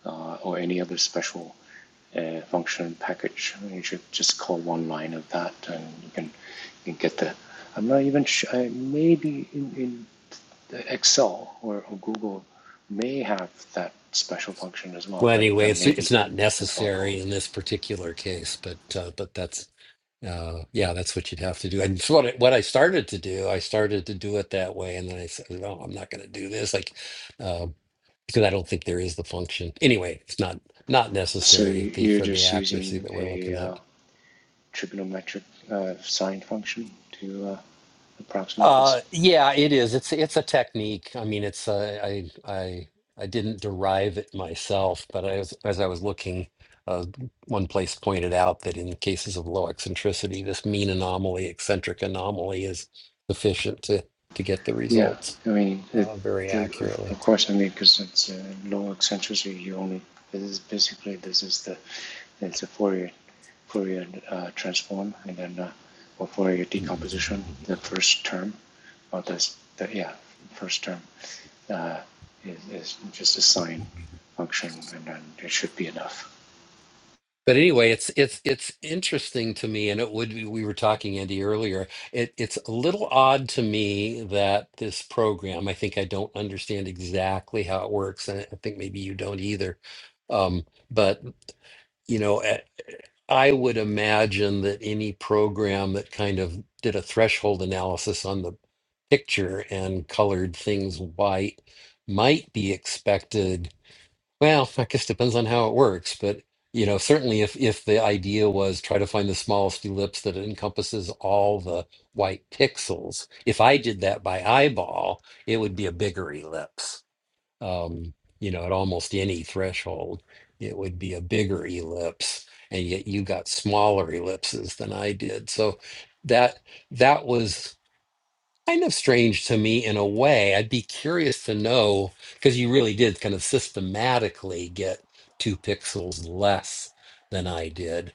[SPEAKER 3] uh, or any other special uh, function package. You should just call one line of that, and you can you can get the. I'm not even sure. I- Maybe in, in Excel or, or Google may have that special function as well,
[SPEAKER 1] Well,
[SPEAKER 3] but uh,
[SPEAKER 1] anyway, it's
[SPEAKER 3] maybe
[SPEAKER 1] it's not
[SPEAKER 3] it's a phone call.
[SPEAKER 1] necessary in this particular case, but uh, but that's uh, yeah, that's what you'd have to do. And so what I, what I started to do, I started to do it that way, and then I said, no, I'm not going to do this. Like, uh, because I don't think there is the function. Anyway, it's not not
[SPEAKER 3] So
[SPEAKER 1] necessary
[SPEAKER 3] you-
[SPEAKER 1] the,
[SPEAKER 3] you're
[SPEAKER 1] for the
[SPEAKER 3] just
[SPEAKER 1] accuracy
[SPEAKER 3] using
[SPEAKER 1] that we're
[SPEAKER 3] a
[SPEAKER 1] looking
[SPEAKER 3] uh,
[SPEAKER 1] at.
[SPEAKER 3] trigonometric uh, sine function to uh, approximate this.
[SPEAKER 1] Uh, yeah, it is. It's it's a technique. I mean, it's uh, I I I didn't derive it myself, but I was, as I was looking, uh, one place pointed out that in cases of low eccentricity, this mean anomaly, eccentric anomaly, is sufficient to to get the
[SPEAKER 3] Yeah,
[SPEAKER 1] results
[SPEAKER 3] I mean, it,
[SPEAKER 1] uh, very
[SPEAKER 3] the, of,
[SPEAKER 1] accurately.
[SPEAKER 3] of course, I mean, because it's uh, low eccentricity, you only, this is basically, this is the, it's a Fourier, Fourier uh, transform, and then, uh, or Fourier decomposition, the first term, or this, the, yeah, first term, uh, is, is just a sine function, and then it should be enough.
[SPEAKER 1] But anyway, it's it's it's interesting to me, and it would be, we were talking, Andy, earlier. It it's a little odd to me that this program, I think I don't understand exactly how it works, and I think maybe you don't either. Um, but you know, eh, I would imagine that any program that kind of did a threshold analysis on the picture and colored things white might be expected well, I guess depends on how it works, but you know, certainly if if the idea was try to find the smallest ellipse that encompasses all the white pixels, if I did that by eyeball, it would be a bigger ellipse. Um, you know, at almost any threshold, it would be a bigger ellipse, and yet you got smaller ellipses than I did. So that that was kind of strange to me in a way. I'd be curious to know because you really did kind of systematically get two pixels less than I did.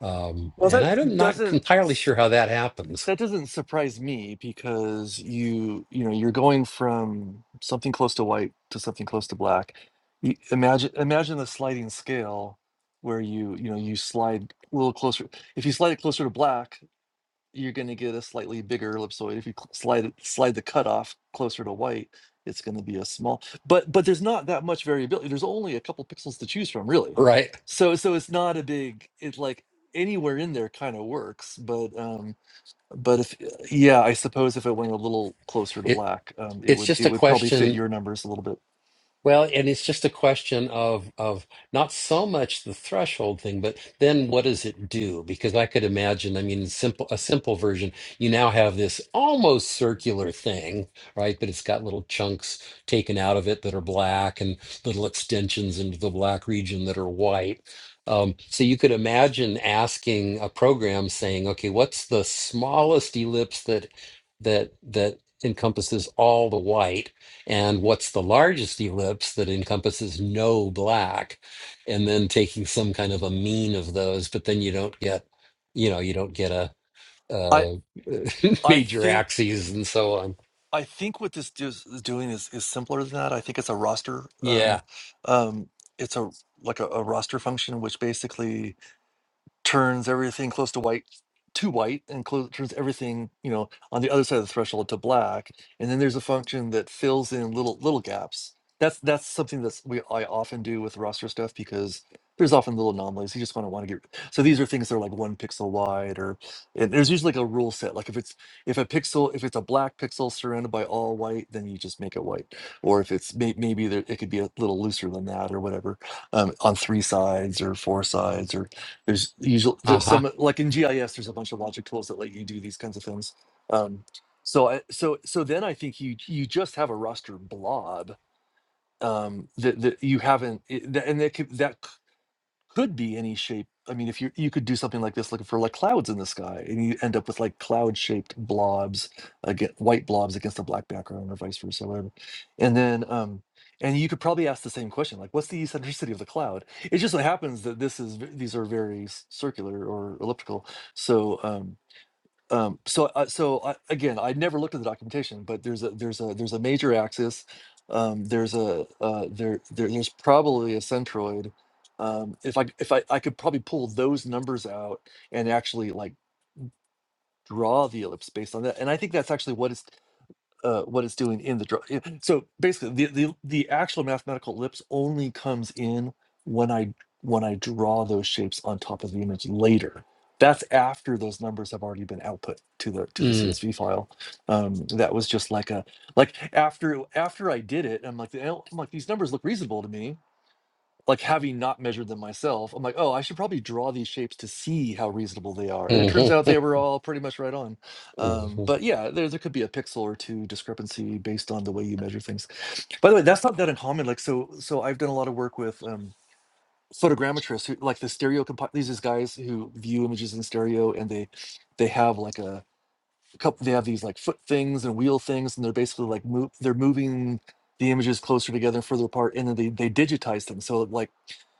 [SPEAKER 1] Um,
[SPEAKER 2] Well,
[SPEAKER 1] and
[SPEAKER 2] that
[SPEAKER 1] I'm not
[SPEAKER 2] doesn't
[SPEAKER 1] entirely
[SPEAKER 2] s-
[SPEAKER 1] sure how that happens,
[SPEAKER 2] that doesn't surprise me because you you know you're going from something close to white to something close to black. You imagine imagine the sliding scale where you you know you slide a little closer. If you slide it closer to black, you're going to get a slightly bigger ellipsoid. If you cl- slide it- slide the cutoff closer to white, it's going to be a small. But but there's not that much variability. There's only a couple pixels to choose from,
[SPEAKER 1] [LAUGHS]
[SPEAKER 2] really.
[SPEAKER 1] right?
[SPEAKER 2] So so it's not a big. It's like anywhere in there kind of works. But um but if yeah, I suppose if it went a little closer to
[SPEAKER 1] It
[SPEAKER 2] black, um, it
[SPEAKER 1] it's
[SPEAKER 2] would
[SPEAKER 1] just
[SPEAKER 2] it
[SPEAKER 1] a
[SPEAKER 2] would probably fit
[SPEAKER 1] question
[SPEAKER 2] your numbers a little bit.
[SPEAKER 1] Well, and it's just a question of of not so much the threshold thing, but then what does it do? Because I could imagine, I mean, simple a simple version, you now have this almost circular thing, right? But it's got little chunks taken out of it that are black and little extensions into the black region that are white. Um, so you could imagine asking a program saying, okay, what's the smallest ellipse that that that encompasses all the white? and what's the largest ellipse that encompasses no black and then taking some kind of a mean of those but then you don't get you know you don't get a
[SPEAKER 2] I
[SPEAKER 1] uh [LAUGHS]
[SPEAKER 2] I
[SPEAKER 1] major
[SPEAKER 2] think
[SPEAKER 1] axes and so on
[SPEAKER 2] I think what this is is doing is, is simpler than that. I think it's a roster.
[SPEAKER 1] yeah
[SPEAKER 2] Um, um, it's a like a, a roster function, which basically turns everything close to white to white and clo- turns everything you know on the other side of the threshold to black and then there's a function that fills in little little gaps that's that's something that's we i often do with roster stuff because there's often little anomalies you just want to want to get so these are things that are like one pixel wide or and there's usually like a rule set like if it's if a pixel if it's a black pixel surrounded by all white then you just make it white or if it's may, maybe there, it could be a little looser than that or whatever um, on three sides or four sides or there's usually there's
[SPEAKER 1] uh-huh
[SPEAKER 2] some like in GIS there's a bunch of logic tools that let you do these kinds of things. Um, so I so so then I think you you just have a raster blob um, that that you haven't it, that, and that could, that could be any shape. I mean, if you you could do something like this, looking for like clouds in the sky, and you end up with like cloud shaped blobs, again, white blobs against a black background, or vice versa, whatever. And then, um, and you could probably ask the same question, like, what's the eccentricity of the cloud? It just so happens that this is v- these are very s- circular or elliptical, so. Um, um, so, uh, so I, again, I never looked at the documentation, but there's a there's a there's a major axis. Um, there's a uh, there, there there's probably a centroid. Um, if I if I, I could probably pull those numbers out and actually like draw the ellipse based on that, and I think that's actually what is uh, what it's doing in the draw. yeah, So basically, the, the the actual mathematical ellipse only comes in when I when I draw those shapes on top of the image later. That's after those numbers have already been output to the to the
[SPEAKER 1] mm,
[SPEAKER 2] CSV file. Um, that was just like a like after after I did it, I'm like, "Oh," I'm like these numbers look reasonable to me like having not measured them myself, I'm like, oh, I should probably draw these shapes to see how reasonable they are. And it
[SPEAKER 1] hmm
[SPEAKER 2] turns out they were all pretty much right on. Um,
[SPEAKER 1] hmm
[SPEAKER 2] but yeah, there, there could be a pixel or two discrepancy based on the way you measure things. By the way, that's not that uncommon. Like, so, so I've done a lot of work with um, photogrammetrists who like the stereo, compi- these is guys who view images in stereo and they, they have like a couple, they have these like foot things and wheel things, and they're basically like move, they're moving the images closer together and further apart and then they, they digitize them so like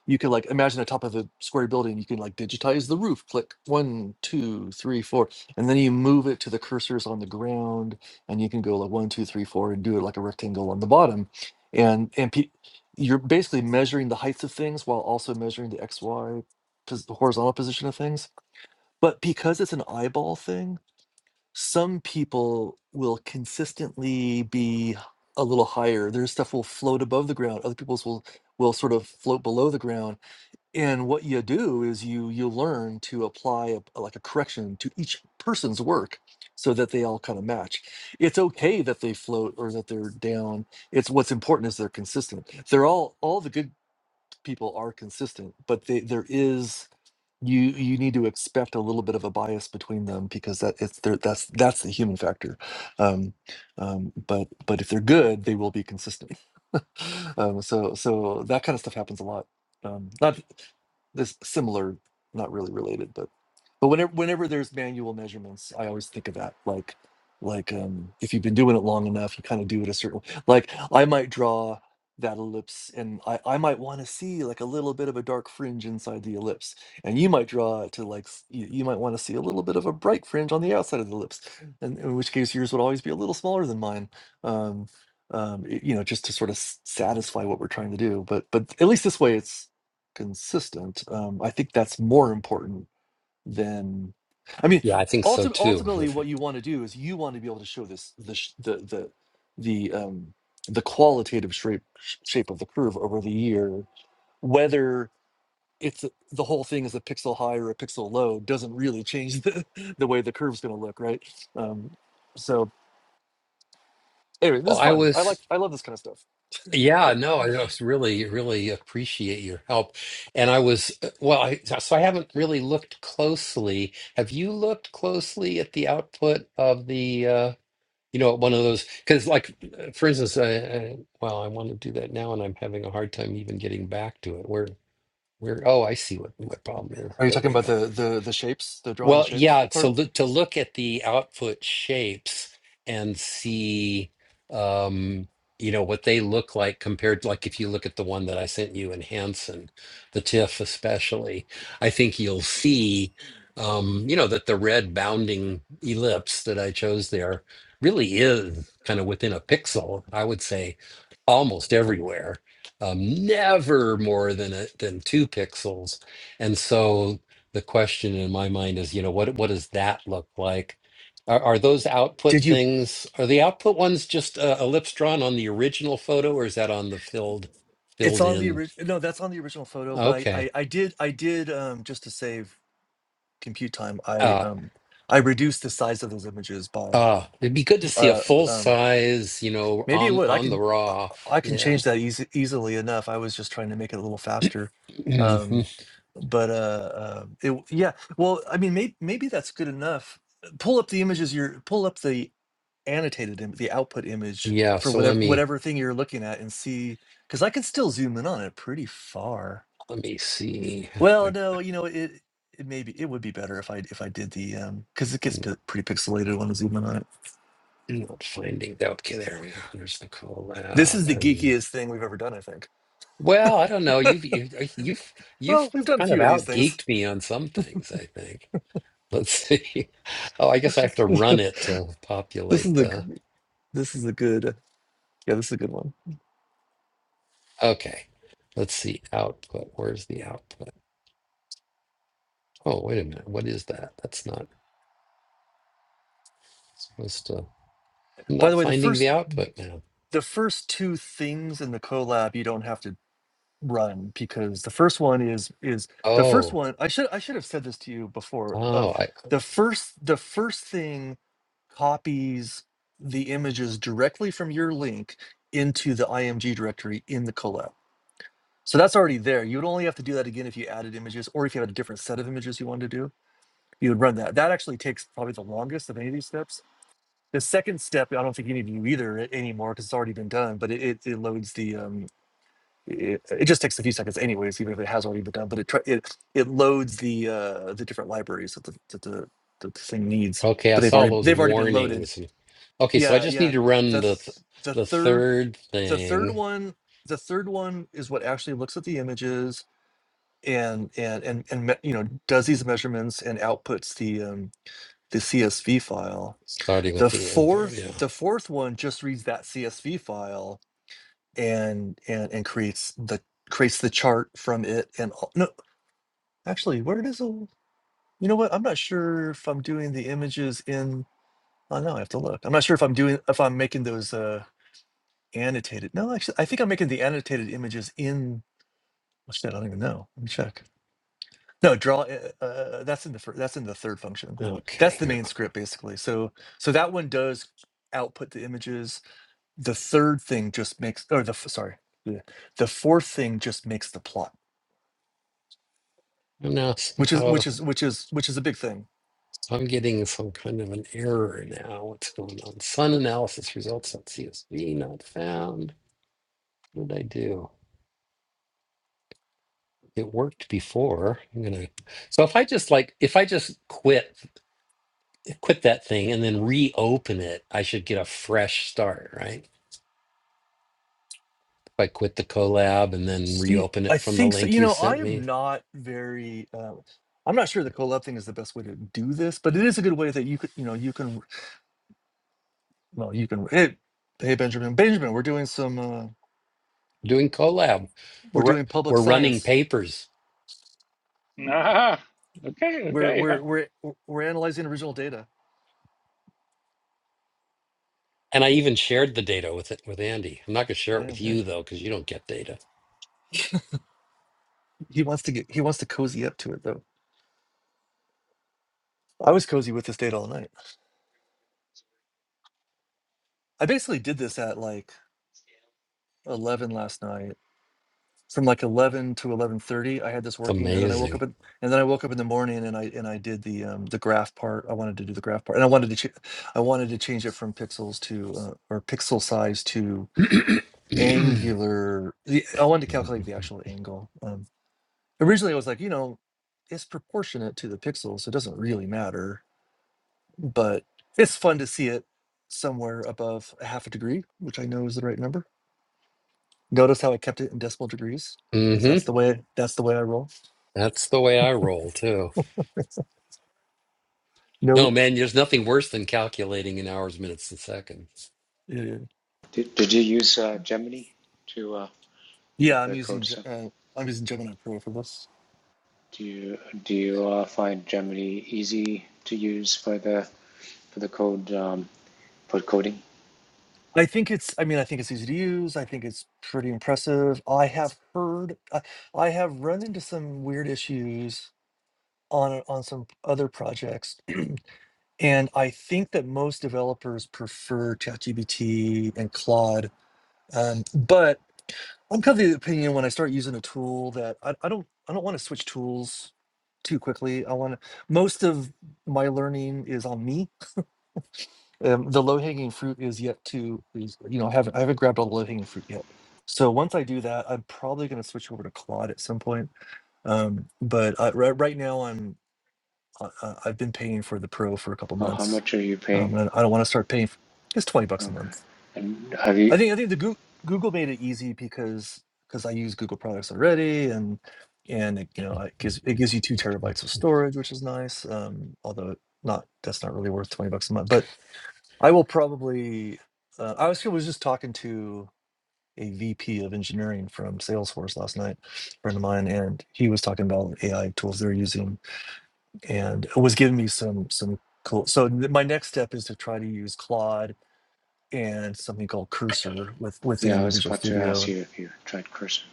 [SPEAKER 2] you could like imagine the top of a square building you can like digitize the roof click one two three four and then you move it to the cursors on the ground and you can go like one two three four and do it like a rectangle on the bottom and and pe- you're basically measuring the heights of things while also measuring the xy pos- the horizontal position of things but because it's an eyeball thing some people will consistently be a little higher their stuff will float above the ground other people's will will sort of float below the ground and what you do is you you learn to apply a, a- like a correction to each person's work so that they all kind of match it's okay that they float or that they're down it's what's important is they're consistent they're all all the good people are consistent but they there is you you need to expect a little bit of a bias between them because that it's their that's that's the human factor um, um, but but if they're good they will be consistent [LAUGHS] um, so so that kind of stuff happens a lot um, not this similar not really related but but whenever whenever there's manual measurements i always think of that like like um, if you've been doing it long enough you kind of do it a certain like i might draw that ellipse and i, I might want to see like a little bit of a dark fringe inside the ellipse and you might draw it to like s- you, you might want to see a little bit of a bright fringe on the outside of the lips and in which case yours would always be a little smaller than mine um, um, y- you know just to sort of s- satisfy what we're trying to do but but at least this way it's consistent um, i think that's more important than i mean
[SPEAKER 1] yeah i think so
[SPEAKER 2] ulti-
[SPEAKER 1] too
[SPEAKER 2] ultimately what
[SPEAKER 1] well
[SPEAKER 2] you want to do is you want to be able to show this the sh- the the the um the qualitative shape shape of the curve over the year whether it's a- the whole thing is a pixel high or a pixel low doesn't really change the, [LAUGHS] the way the curve's going to look, right? Um, so anyway, this is
[SPEAKER 1] i
[SPEAKER 2] fun. I like
[SPEAKER 1] was
[SPEAKER 2] I love this kind of stuff.
[SPEAKER 1] yeah no i was really really appreciate your help and i was uh, well I, so i haven't really looked closely have you looked closely at the output of the uh you know, one of those because, like, uh, for instance, I, I, well, I want to do that now, and I'm having a hard time even getting back to it. Where, where? Oh, I see what what problem is.
[SPEAKER 2] [LAUGHS] Are you
[SPEAKER 1] There
[SPEAKER 2] talking
[SPEAKER 1] we
[SPEAKER 2] about
[SPEAKER 1] go.
[SPEAKER 2] the the the shapes, the drawing the
[SPEAKER 1] Well,
[SPEAKER 2] shapes
[SPEAKER 1] yeah, to
[SPEAKER 2] part?
[SPEAKER 1] look to look at the output shapes and see um, you know, what they look like compared to, like if you look at the one that I sent you in Hanson, the TIFF especially, I think you'll see um, you know, that the red bounding ellipse that I chose there really is kind of within a pixel, I would say almost everywhere. Um, never more than a, than two pixels. And so the question in my mind is, you know, what what does that look like? Are, are those output
[SPEAKER 2] Did you?
[SPEAKER 1] things? Are the output ones just uh, ellipse drawn on the original photo, or is that on the filled
[SPEAKER 2] It's
[SPEAKER 1] filled
[SPEAKER 2] on the
[SPEAKER 1] in?
[SPEAKER 2] original. No, that's on the original photo. But I I,
[SPEAKER 1] Okay.
[SPEAKER 2] I did I did um, just to save compute time. I
[SPEAKER 1] Uh,
[SPEAKER 2] um I reduced the size of those images by
[SPEAKER 1] uh, it'd be good to see a
[SPEAKER 2] uh
[SPEAKER 1] full
[SPEAKER 2] um
[SPEAKER 1] size, you know,
[SPEAKER 2] Maybe it
[SPEAKER 1] on
[SPEAKER 2] would. I
[SPEAKER 1] on the
[SPEAKER 2] can I
[SPEAKER 1] raw.
[SPEAKER 2] I can
[SPEAKER 1] Yeah.
[SPEAKER 2] change that easy, easily enough. I was just trying to make it a little faster.
[SPEAKER 1] hmm
[SPEAKER 2] Um, but uh, uh, it, w- yeah. Well, I mean, maybe maybe that's good enough. Pull up the images. You're pull up the annotated Im- the output image
[SPEAKER 1] Yeah.
[SPEAKER 2] for
[SPEAKER 1] So let
[SPEAKER 2] whatever
[SPEAKER 1] me
[SPEAKER 2] whatever thing you're looking at and see because I can still zoom in on it pretty far.
[SPEAKER 1] let me see.
[SPEAKER 2] Well,
[SPEAKER 1] Like,
[SPEAKER 2] no, you know it. It maybe it would be better if I if I did the um because it gets
[SPEAKER 1] I'm
[SPEAKER 2] p-
[SPEAKER 1] not
[SPEAKER 2] pretty pixelated when I zoom in on it.
[SPEAKER 1] I'm not finding that. Okay, there we go. There's the
[SPEAKER 2] This is
[SPEAKER 1] collab.
[SPEAKER 2] the
[SPEAKER 1] I mean.
[SPEAKER 2] geekiest thing we've ever done, I think.
[SPEAKER 1] Well, I don't know. You've you've uh, you've, you've
[SPEAKER 2] Well, we've done a
[SPEAKER 1] kind of
[SPEAKER 2] few of these
[SPEAKER 1] out
[SPEAKER 2] things.
[SPEAKER 1] geeked me on some things, I think. Let's see. [LAUGHS] Oh, I guess I have to
[SPEAKER 2] [LAUGHS] this
[SPEAKER 1] run it to populate
[SPEAKER 2] is the g-
[SPEAKER 1] the.
[SPEAKER 2] this is a good yeah, this is a good one.
[SPEAKER 1] Okay. Let's see. Output. Where's the output? Oh, wait a minute. What is that? That's not supposed to. I'm
[SPEAKER 2] By
[SPEAKER 1] not
[SPEAKER 2] the way, the
[SPEAKER 1] finding the
[SPEAKER 2] first
[SPEAKER 1] output now.
[SPEAKER 2] the first two things in the collab you don't have to run because the first one is is the first
[SPEAKER 1] Oh,
[SPEAKER 2] one I should I should have said this to you before. Um,
[SPEAKER 1] oh, I
[SPEAKER 2] the first the first thing copies the images directly from your link into the IMG directory in the collab. So that's already there. You would only have to do that again if you added images or if you had a different set of images you wanted to do you would run that. That actually takes probably the longest of any of these steps. The second step, I don't think you need to do either a- anymore because it's already been done, but it, it, it loads the, um, it, it just takes a few seconds anyways, even if it has already been done, but it, tr- it, it loads the, uh, the different libraries that the, that the, that the thing needs,
[SPEAKER 1] okay. I
[SPEAKER 2] but they've
[SPEAKER 1] saw
[SPEAKER 2] already,
[SPEAKER 1] those
[SPEAKER 2] they've already been loaded.
[SPEAKER 1] warnings. Okay, so I
[SPEAKER 2] Yeah.
[SPEAKER 1] just need
[SPEAKER 2] Yeah.
[SPEAKER 1] to run
[SPEAKER 2] The,
[SPEAKER 1] the th-
[SPEAKER 2] th- the
[SPEAKER 1] the
[SPEAKER 2] third,
[SPEAKER 1] third
[SPEAKER 2] the third
[SPEAKER 1] thing,
[SPEAKER 2] one, the third one is what actually looks at the images and, and, and, and, me- you know, does these measurements and outputs the, um, the CSV file.
[SPEAKER 1] starting
[SPEAKER 2] The
[SPEAKER 1] with the end
[SPEAKER 2] fourth
[SPEAKER 1] Yeah.
[SPEAKER 2] the fourth one just reads that CSV file and and and creates the creates the chart from it and all, no actually where it is? a you know what I'm not sure if I'm doing the images in oh no I have to look I'm not sure if I'm doing if I'm making those uh annotated no actually I think I'm making the annotated images in oh shit I don't even know let me check no draw uh, uh, uh, that's in the fir- that's in the third function that's
[SPEAKER 1] Okay.
[SPEAKER 2] the
[SPEAKER 1] Here.
[SPEAKER 2] main script basically so so that one does output the images the third thing just makes or the f- sorry bleh, the fourth thing just makes the plot
[SPEAKER 1] Now
[SPEAKER 2] which is
[SPEAKER 1] somehow
[SPEAKER 2] which is which is which is a big thing
[SPEAKER 1] So I'm getting some kind of an error now. What's going on? Sun analysis results at CSV not found. What did I do? It worked before. I'm gonna. So if I just like, if I just quit, quit that thing and then reopen it, I should get a fresh start, right? If I quit the collab and then
[SPEAKER 2] Yeah,
[SPEAKER 1] reopen
[SPEAKER 2] i
[SPEAKER 1] it from the
[SPEAKER 2] think so
[SPEAKER 1] link
[SPEAKER 2] you
[SPEAKER 1] you
[SPEAKER 2] know i
[SPEAKER 1] sent
[SPEAKER 2] am
[SPEAKER 1] me,
[SPEAKER 2] not very uh, i'm not sure the collab thing is the best way to do this but it is a good way that you could you know you can well you can hey, hey benjamin benjamin we're doing some uh,
[SPEAKER 1] doing collab, we're
[SPEAKER 2] we're
[SPEAKER 1] ru-
[SPEAKER 2] doing public
[SPEAKER 1] we're running
[SPEAKER 2] science
[SPEAKER 1] papers,
[SPEAKER 4] [LAUGHS] Ah, okay,
[SPEAKER 2] we're
[SPEAKER 4] okay. yeah.
[SPEAKER 2] we're we're we're we're analyzing original data
[SPEAKER 1] and I even shared the data with it with Andy. I'm not gonna share it
[SPEAKER 2] yeah,
[SPEAKER 1] with
[SPEAKER 2] yeah
[SPEAKER 1] you though because you don't get data.
[SPEAKER 2] he wants to get he wants to cozy up to it though i was cozy with this data all night i basically did this at like 11 last night from like 11 to 11:30 I had this
[SPEAKER 1] It's
[SPEAKER 2] working and then I
[SPEAKER 1] amazing.
[SPEAKER 2] woke up in, and then I woke up in the morning and I and I did the um the graph part I wanted to do the graph part and I wanted to ch- I wanted to change it from pixels to uh, or pixel size to
[SPEAKER 1] hmm
[SPEAKER 2] angular the, I wanted to calculate the actual angle um originally I was like you know it's proportionate to the pixels so it doesn't really matter but it's fun to see it somewhere above a half a degree which I know is the right number Notice how I kept it in decimal degrees because that's the way that's the way I roll.
[SPEAKER 1] That's the way I roll too. No,
[SPEAKER 2] No,
[SPEAKER 1] man, there's nothing worse than calculating in hours, minutes, and seconds.
[SPEAKER 2] yeah,
[SPEAKER 3] Did, did you use uh, Gemini to uh,
[SPEAKER 2] yeah.
[SPEAKER 3] get
[SPEAKER 2] I'm
[SPEAKER 3] the code
[SPEAKER 2] using Ge-
[SPEAKER 3] set?
[SPEAKER 2] uh, I'm using Gemini Pro for this.
[SPEAKER 3] Do you do you uh, find Gemini easy to use for the for the code um, for coding?
[SPEAKER 2] I think it's. I mean, I think it's easy to use. I think it's pretty impressive. I have heard. I, I have run into some weird issues on on some other projects, and I think that most developers prefer ChatGPT and Claude. Um, but I'm kind of the opinion when I start using a tool that I, I don't I don't want to switch tools too quickly. I want to, most of my learning is on me. Um, the low hanging fruit is yet to is, you know I haven't I haven't grabbed all the low hanging fruit yet. So once I do that, I'm probably going to switch over to Claude at some point. Um, but I, right, right now I'm I, I- I've been paying for the Pro for a couple
[SPEAKER 3] Oh, how
[SPEAKER 2] months.
[SPEAKER 3] much are you
[SPEAKER 2] Um,
[SPEAKER 3] paying?
[SPEAKER 2] and I don't want to start paying. f- It's twenty bucks a
[SPEAKER 3] Okay.
[SPEAKER 2] month
[SPEAKER 3] And have
[SPEAKER 2] I
[SPEAKER 3] you?
[SPEAKER 2] think I think the Google, Google made it easy because because I use Google products already, and and it, you know it gives it gives you two terabytes of storage, which is nice. Um, although not that's not really worth twenty bucks a month. But I will probably. Uh, I was I was just talking to a VP of engineering from Salesforce last night, a friend of mine, and he was talking about AI tools they're using, and was giving me some some cool. So th- my next step is to try to use Claude and something called Cursor with
[SPEAKER 3] Yeah, I
[SPEAKER 2] within
[SPEAKER 3] was
[SPEAKER 2] Visual
[SPEAKER 3] about to ask
[SPEAKER 2] Studio.
[SPEAKER 3] you if you tried Cursor.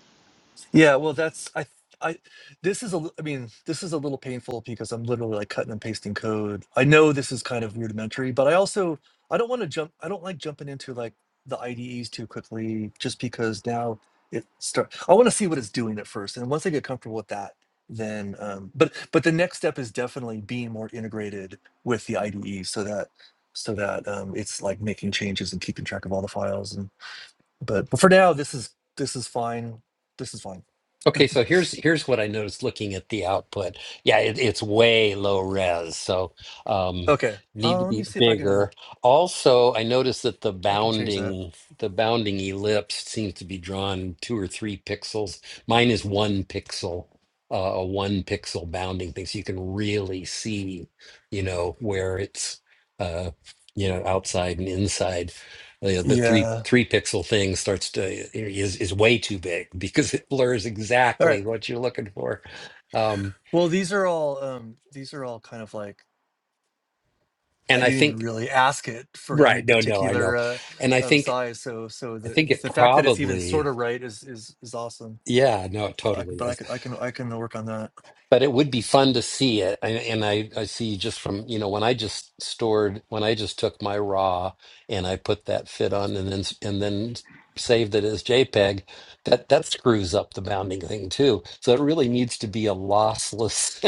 [SPEAKER 2] Yeah, well, that's I I this is a li- I mean this is a little painful because I'm literally like cutting and pasting code. I know this is kind of rudimentary, but I also I don't want to jump. I don't like jumping into like the IDEs too quickly just because now it start. I want to see what it's doing at first, and once I get comfortable with that then um but but the next step is definitely being more integrated with the IDE so that so that um it's like making changes and keeping track of all the files but but for now, this is this is fine. This is fine.
[SPEAKER 1] Okay, so here's here's what I noticed looking at the output. Yeah, it, it's way low res, so um,
[SPEAKER 2] Okay.
[SPEAKER 1] need
[SPEAKER 2] Uh,
[SPEAKER 1] to
[SPEAKER 2] let me
[SPEAKER 1] be
[SPEAKER 2] see if I can
[SPEAKER 1] bigger. Also, I noticed that the
[SPEAKER 2] I can change that.
[SPEAKER 1] bounding the bounding ellipse seems to be drawn two or three pixels. Mine is one pixel, uh, a one pixel bounding thing, so you can really see, you know, where it's, uh, you know, outside and inside you know, the three
[SPEAKER 2] Yeah.
[SPEAKER 1] three pixel thing starts to eh, is is way too big [LAUGHS] because it blurs
[SPEAKER 2] All right.
[SPEAKER 1] exactly what you're looking for. Um,
[SPEAKER 2] Well, these are all um these are all kind of like I
[SPEAKER 1] and I
[SPEAKER 2] didn't even
[SPEAKER 1] think
[SPEAKER 2] really ask it for any
[SPEAKER 1] right, no, no, I know,
[SPEAKER 2] particular uh,
[SPEAKER 1] and I
[SPEAKER 2] um,
[SPEAKER 1] think
[SPEAKER 2] size. So so
[SPEAKER 1] I think
[SPEAKER 2] the
[SPEAKER 1] it
[SPEAKER 2] the fact that it's even sort
[SPEAKER 1] probably
[SPEAKER 2] of right is is is awesome.
[SPEAKER 1] yeah, no, it
[SPEAKER 2] Uh, I, c-
[SPEAKER 1] totally
[SPEAKER 2] but I
[SPEAKER 1] is.
[SPEAKER 2] can I can I can work on that.
[SPEAKER 1] but it would be fun to see it and, and I, I see just from you know when i just stored when i just took my raw and i put that fit on and then and then saved it as jpeg that that screws up the bounding thing too so it really needs to be a lossless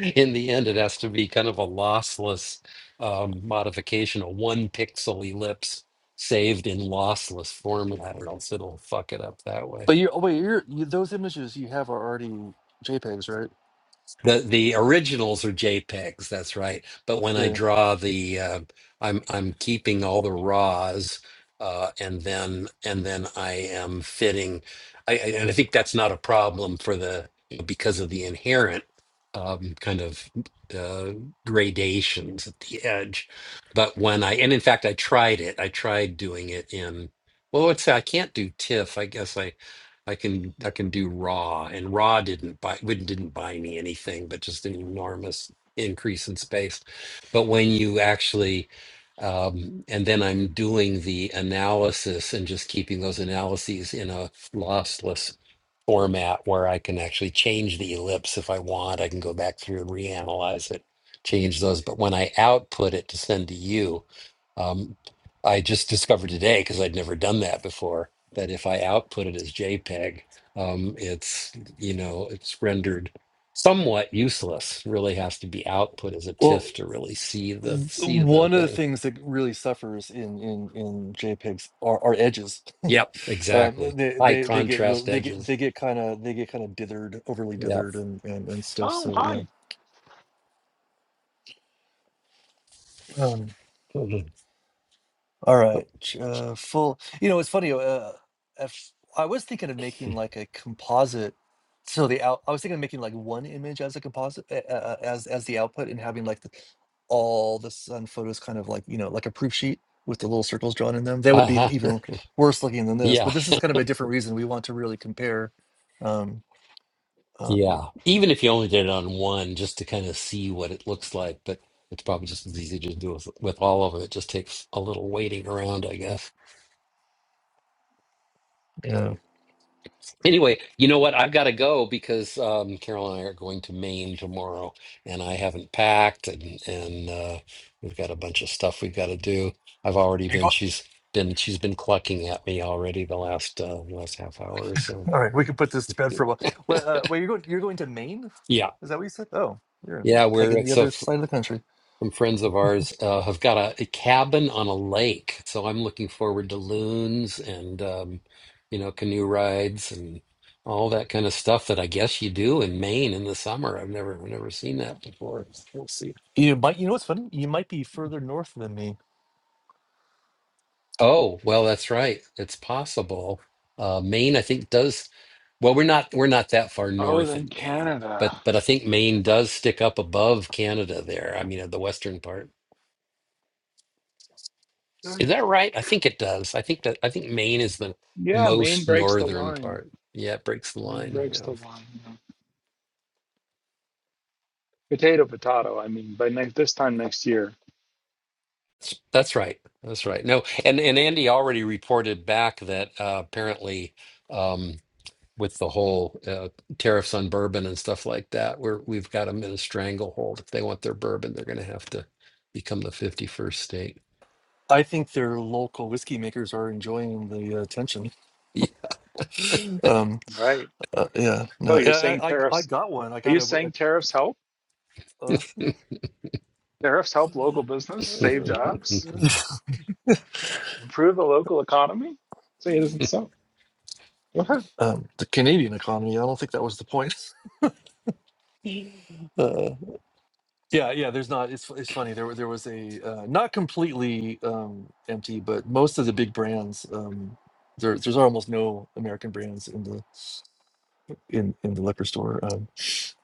[SPEAKER 1] [LAUGHS] in the end it has to be kind of a lossless um, modification a one pixel ellipse saved in lossless format or else it'll fuck it up that way
[SPEAKER 2] But you, oh wait, you're, you, those images you have are already JPEGs, right?
[SPEAKER 1] The the originals are JPEGs, that's right. But when I
[SPEAKER 2] Yeah.
[SPEAKER 1] draw the, uh, I'm I'm keeping all the RAWs, uh, and then and then I am fitting. I, I- and I think that's not a problem for the because of the inherent um, kind of uh, gradations at the edge. But when I and in fact I tried it. I tried doing it in. Well, let's say I can't do TIFF. I guess I. I can I can do raw and raw didn't buy wouldn't didn't buy me anything but just an enormous increase in space. But when you actually um, and then I'm doing the analysis and just keeping those analyses in a lossless format where I can actually change the ellipse if I want. I can go back through and reanalyze it, change those. But when I output it to send to you, um, I just discovered today because I'd never done that before that if I output it as JPEG, um, it's you know it's rendered somewhat useless. Really has to be output as a
[SPEAKER 2] Well,
[SPEAKER 1] TIFF to really see the
[SPEAKER 2] th-
[SPEAKER 1] see the
[SPEAKER 2] One of the
[SPEAKER 1] thing.
[SPEAKER 2] things that really suffers in in in JPEGs are, are edges.
[SPEAKER 1] Yep,
[SPEAKER 2] [LAUGHS] um,
[SPEAKER 1] exactly.
[SPEAKER 2] they
[SPEAKER 1] High
[SPEAKER 2] they they get really
[SPEAKER 1] contrast
[SPEAKER 2] they get
[SPEAKER 1] edges.
[SPEAKER 2] they get kind of they get kind of dithered, overly
[SPEAKER 1] Yep.
[SPEAKER 2] dithered, and, and and stuff.
[SPEAKER 4] Oh,
[SPEAKER 2] So yeah.
[SPEAKER 4] hi.
[SPEAKER 2] Um,
[SPEAKER 1] Mhm.
[SPEAKER 2] All right. Uh, full. You know, it's funny. Uh, if, I was thinking of making like a composite. So the out, I was thinking of making like one image as a composite, uh, uh, as as the output, and having like the, all the sun photos kind of like you know like a proof sheet with the little circles drawn in them. They would be
[SPEAKER 1] Uh-huh. [LAUGHS]
[SPEAKER 2] even worse looking than this.
[SPEAKER 1] Yeah,
[SPEAKER 2] But this is kind of a different reason we want to really compare. Um,
[SPEAKER 1] yeah.
[SPEAKER 2] um,
[SPEAKER 1] Even if you only did it on one, just to kind of see what it looks like, but it's probably just as easy to do with, with all of them. It just takes a little waiting around, I guess.
[SPEAKER 2] yeah.
[SPEAKER 1] Anyway, you know what? I've got to go because um, Carol and I are going to Maine tomorrow, and I haven't packed, and and uh, we've got a bunch of stuff we've got to do. I've already
[SPEAKER 2] You're
[SPEAKER 1] been.
[SPEAKER 2] going.
[SPEAKER 1] She's been. She's been clucking at me already the last uh, last half hour or so.
[SPEAKER 2] All right, we can put this to bed for a while. Well, uh, well, you're going. You're going to Maine.
[SPEAKER 1] Yeah,
[SPEAKER 2] Is that what you said? Oh, you're in-
[SPEAKER 1] yeah. We're
[SPEAKER 2] pegging the
[SPEAKER 1] it's a
[SPEAKER 2] other side of the country.
[SPEAKER 1] Some friends of ours uh, have got a, a cabin on a lake, so I'm looking forward to loons and um, you know canoe rides and all that kind of stuff that I guess you do in Maine in the summer. I've never never seen that before. We'll see.
[SPEAKER 2] You might, you know what's funny? You might be further north than me.
[SPEAKER 1] Oh, well, that's right. It's possible. Uh, Maine, I think, does well, we're not we're not that far
[SPEAKER 4] Oh,
[SPEAKER 1] north
[SPEAKER 4] then
[SPEAKER 1] in Maine, but
[SPEAKER 4] Canada.
[SPEAKER 1] but I think Maine does stick up above Canada there. I mean, uh, the western part.
[SPEAKER 4] Right.
[SPEAKER 1] Is that right? I think it does. I think that I think Maine is the
[SPEAKER 4] Yeah, Maine
[SPEAKER 1] most
[SPEAKER 4] breaks the
[SPEAKER 1] northern
[SPEAKER 4] line.
[SPEAKER 1] part. Yeah, it breaks the
[SPEAKER 4] Maine
[SPEAKER 1] line.
[SPEAKER 4] breaks
[SPEAKER 1] Yeah.
[SPEAKER 4] the line. yeah. Potato, potato. I mean, by next this time next year,
[SPEAKER 1] That's, that's right. That's right. No, and and Andy already reported back that uh, apparently um, with the whole uh, tariffs on bourbon and stuff like that, we're we've got them in a stranglehold. If they want their bourbon, they're going to have to become the 51st
[SPEAKER 2] I think their local whiskey makers are enjoying the uh, attention. Um,
[SPEAKER 4] right?
[SPEAKER 2] uh, yeah,
[SPEAKER 4] Oh,
[SPEAKER 2] no,
[SPEAKER 4] you're
[SPEAKER 2] yeah,
[SPEAKER 4] saying
[SPEAKER 2] I, I, I
[SPEAKER 4] tariffs?
[SPEAKER 2] got one. I
[SPEAKER 4] Are
[SPEAKER 2] got
[SPEAKER 4] you
[SPEAKER 2] a,
[SPEAKER 4] saying tariffs help?
[SPEAKER 2] uh,
[SPEAKER 4] Tariffs help local business, save jobs,
[SPEAKER 1] state.
[SPEAKER 2] [LAUGHS]
[SPEAKER 1] [LAUGHS]
[SPEAKER 4] improve the local economy? Say it isn't so. Go ahead.
[SPEAKER 2] um, the Canadian economy. I don't think that was the point. [LAUGHS] Uh, yeah, yeah. There's not. It's it's funny. There were- there was a uh, not completely um, empty, but most of the big brands. Um, there, there's almost no American brands in the in in the liquor store. Um,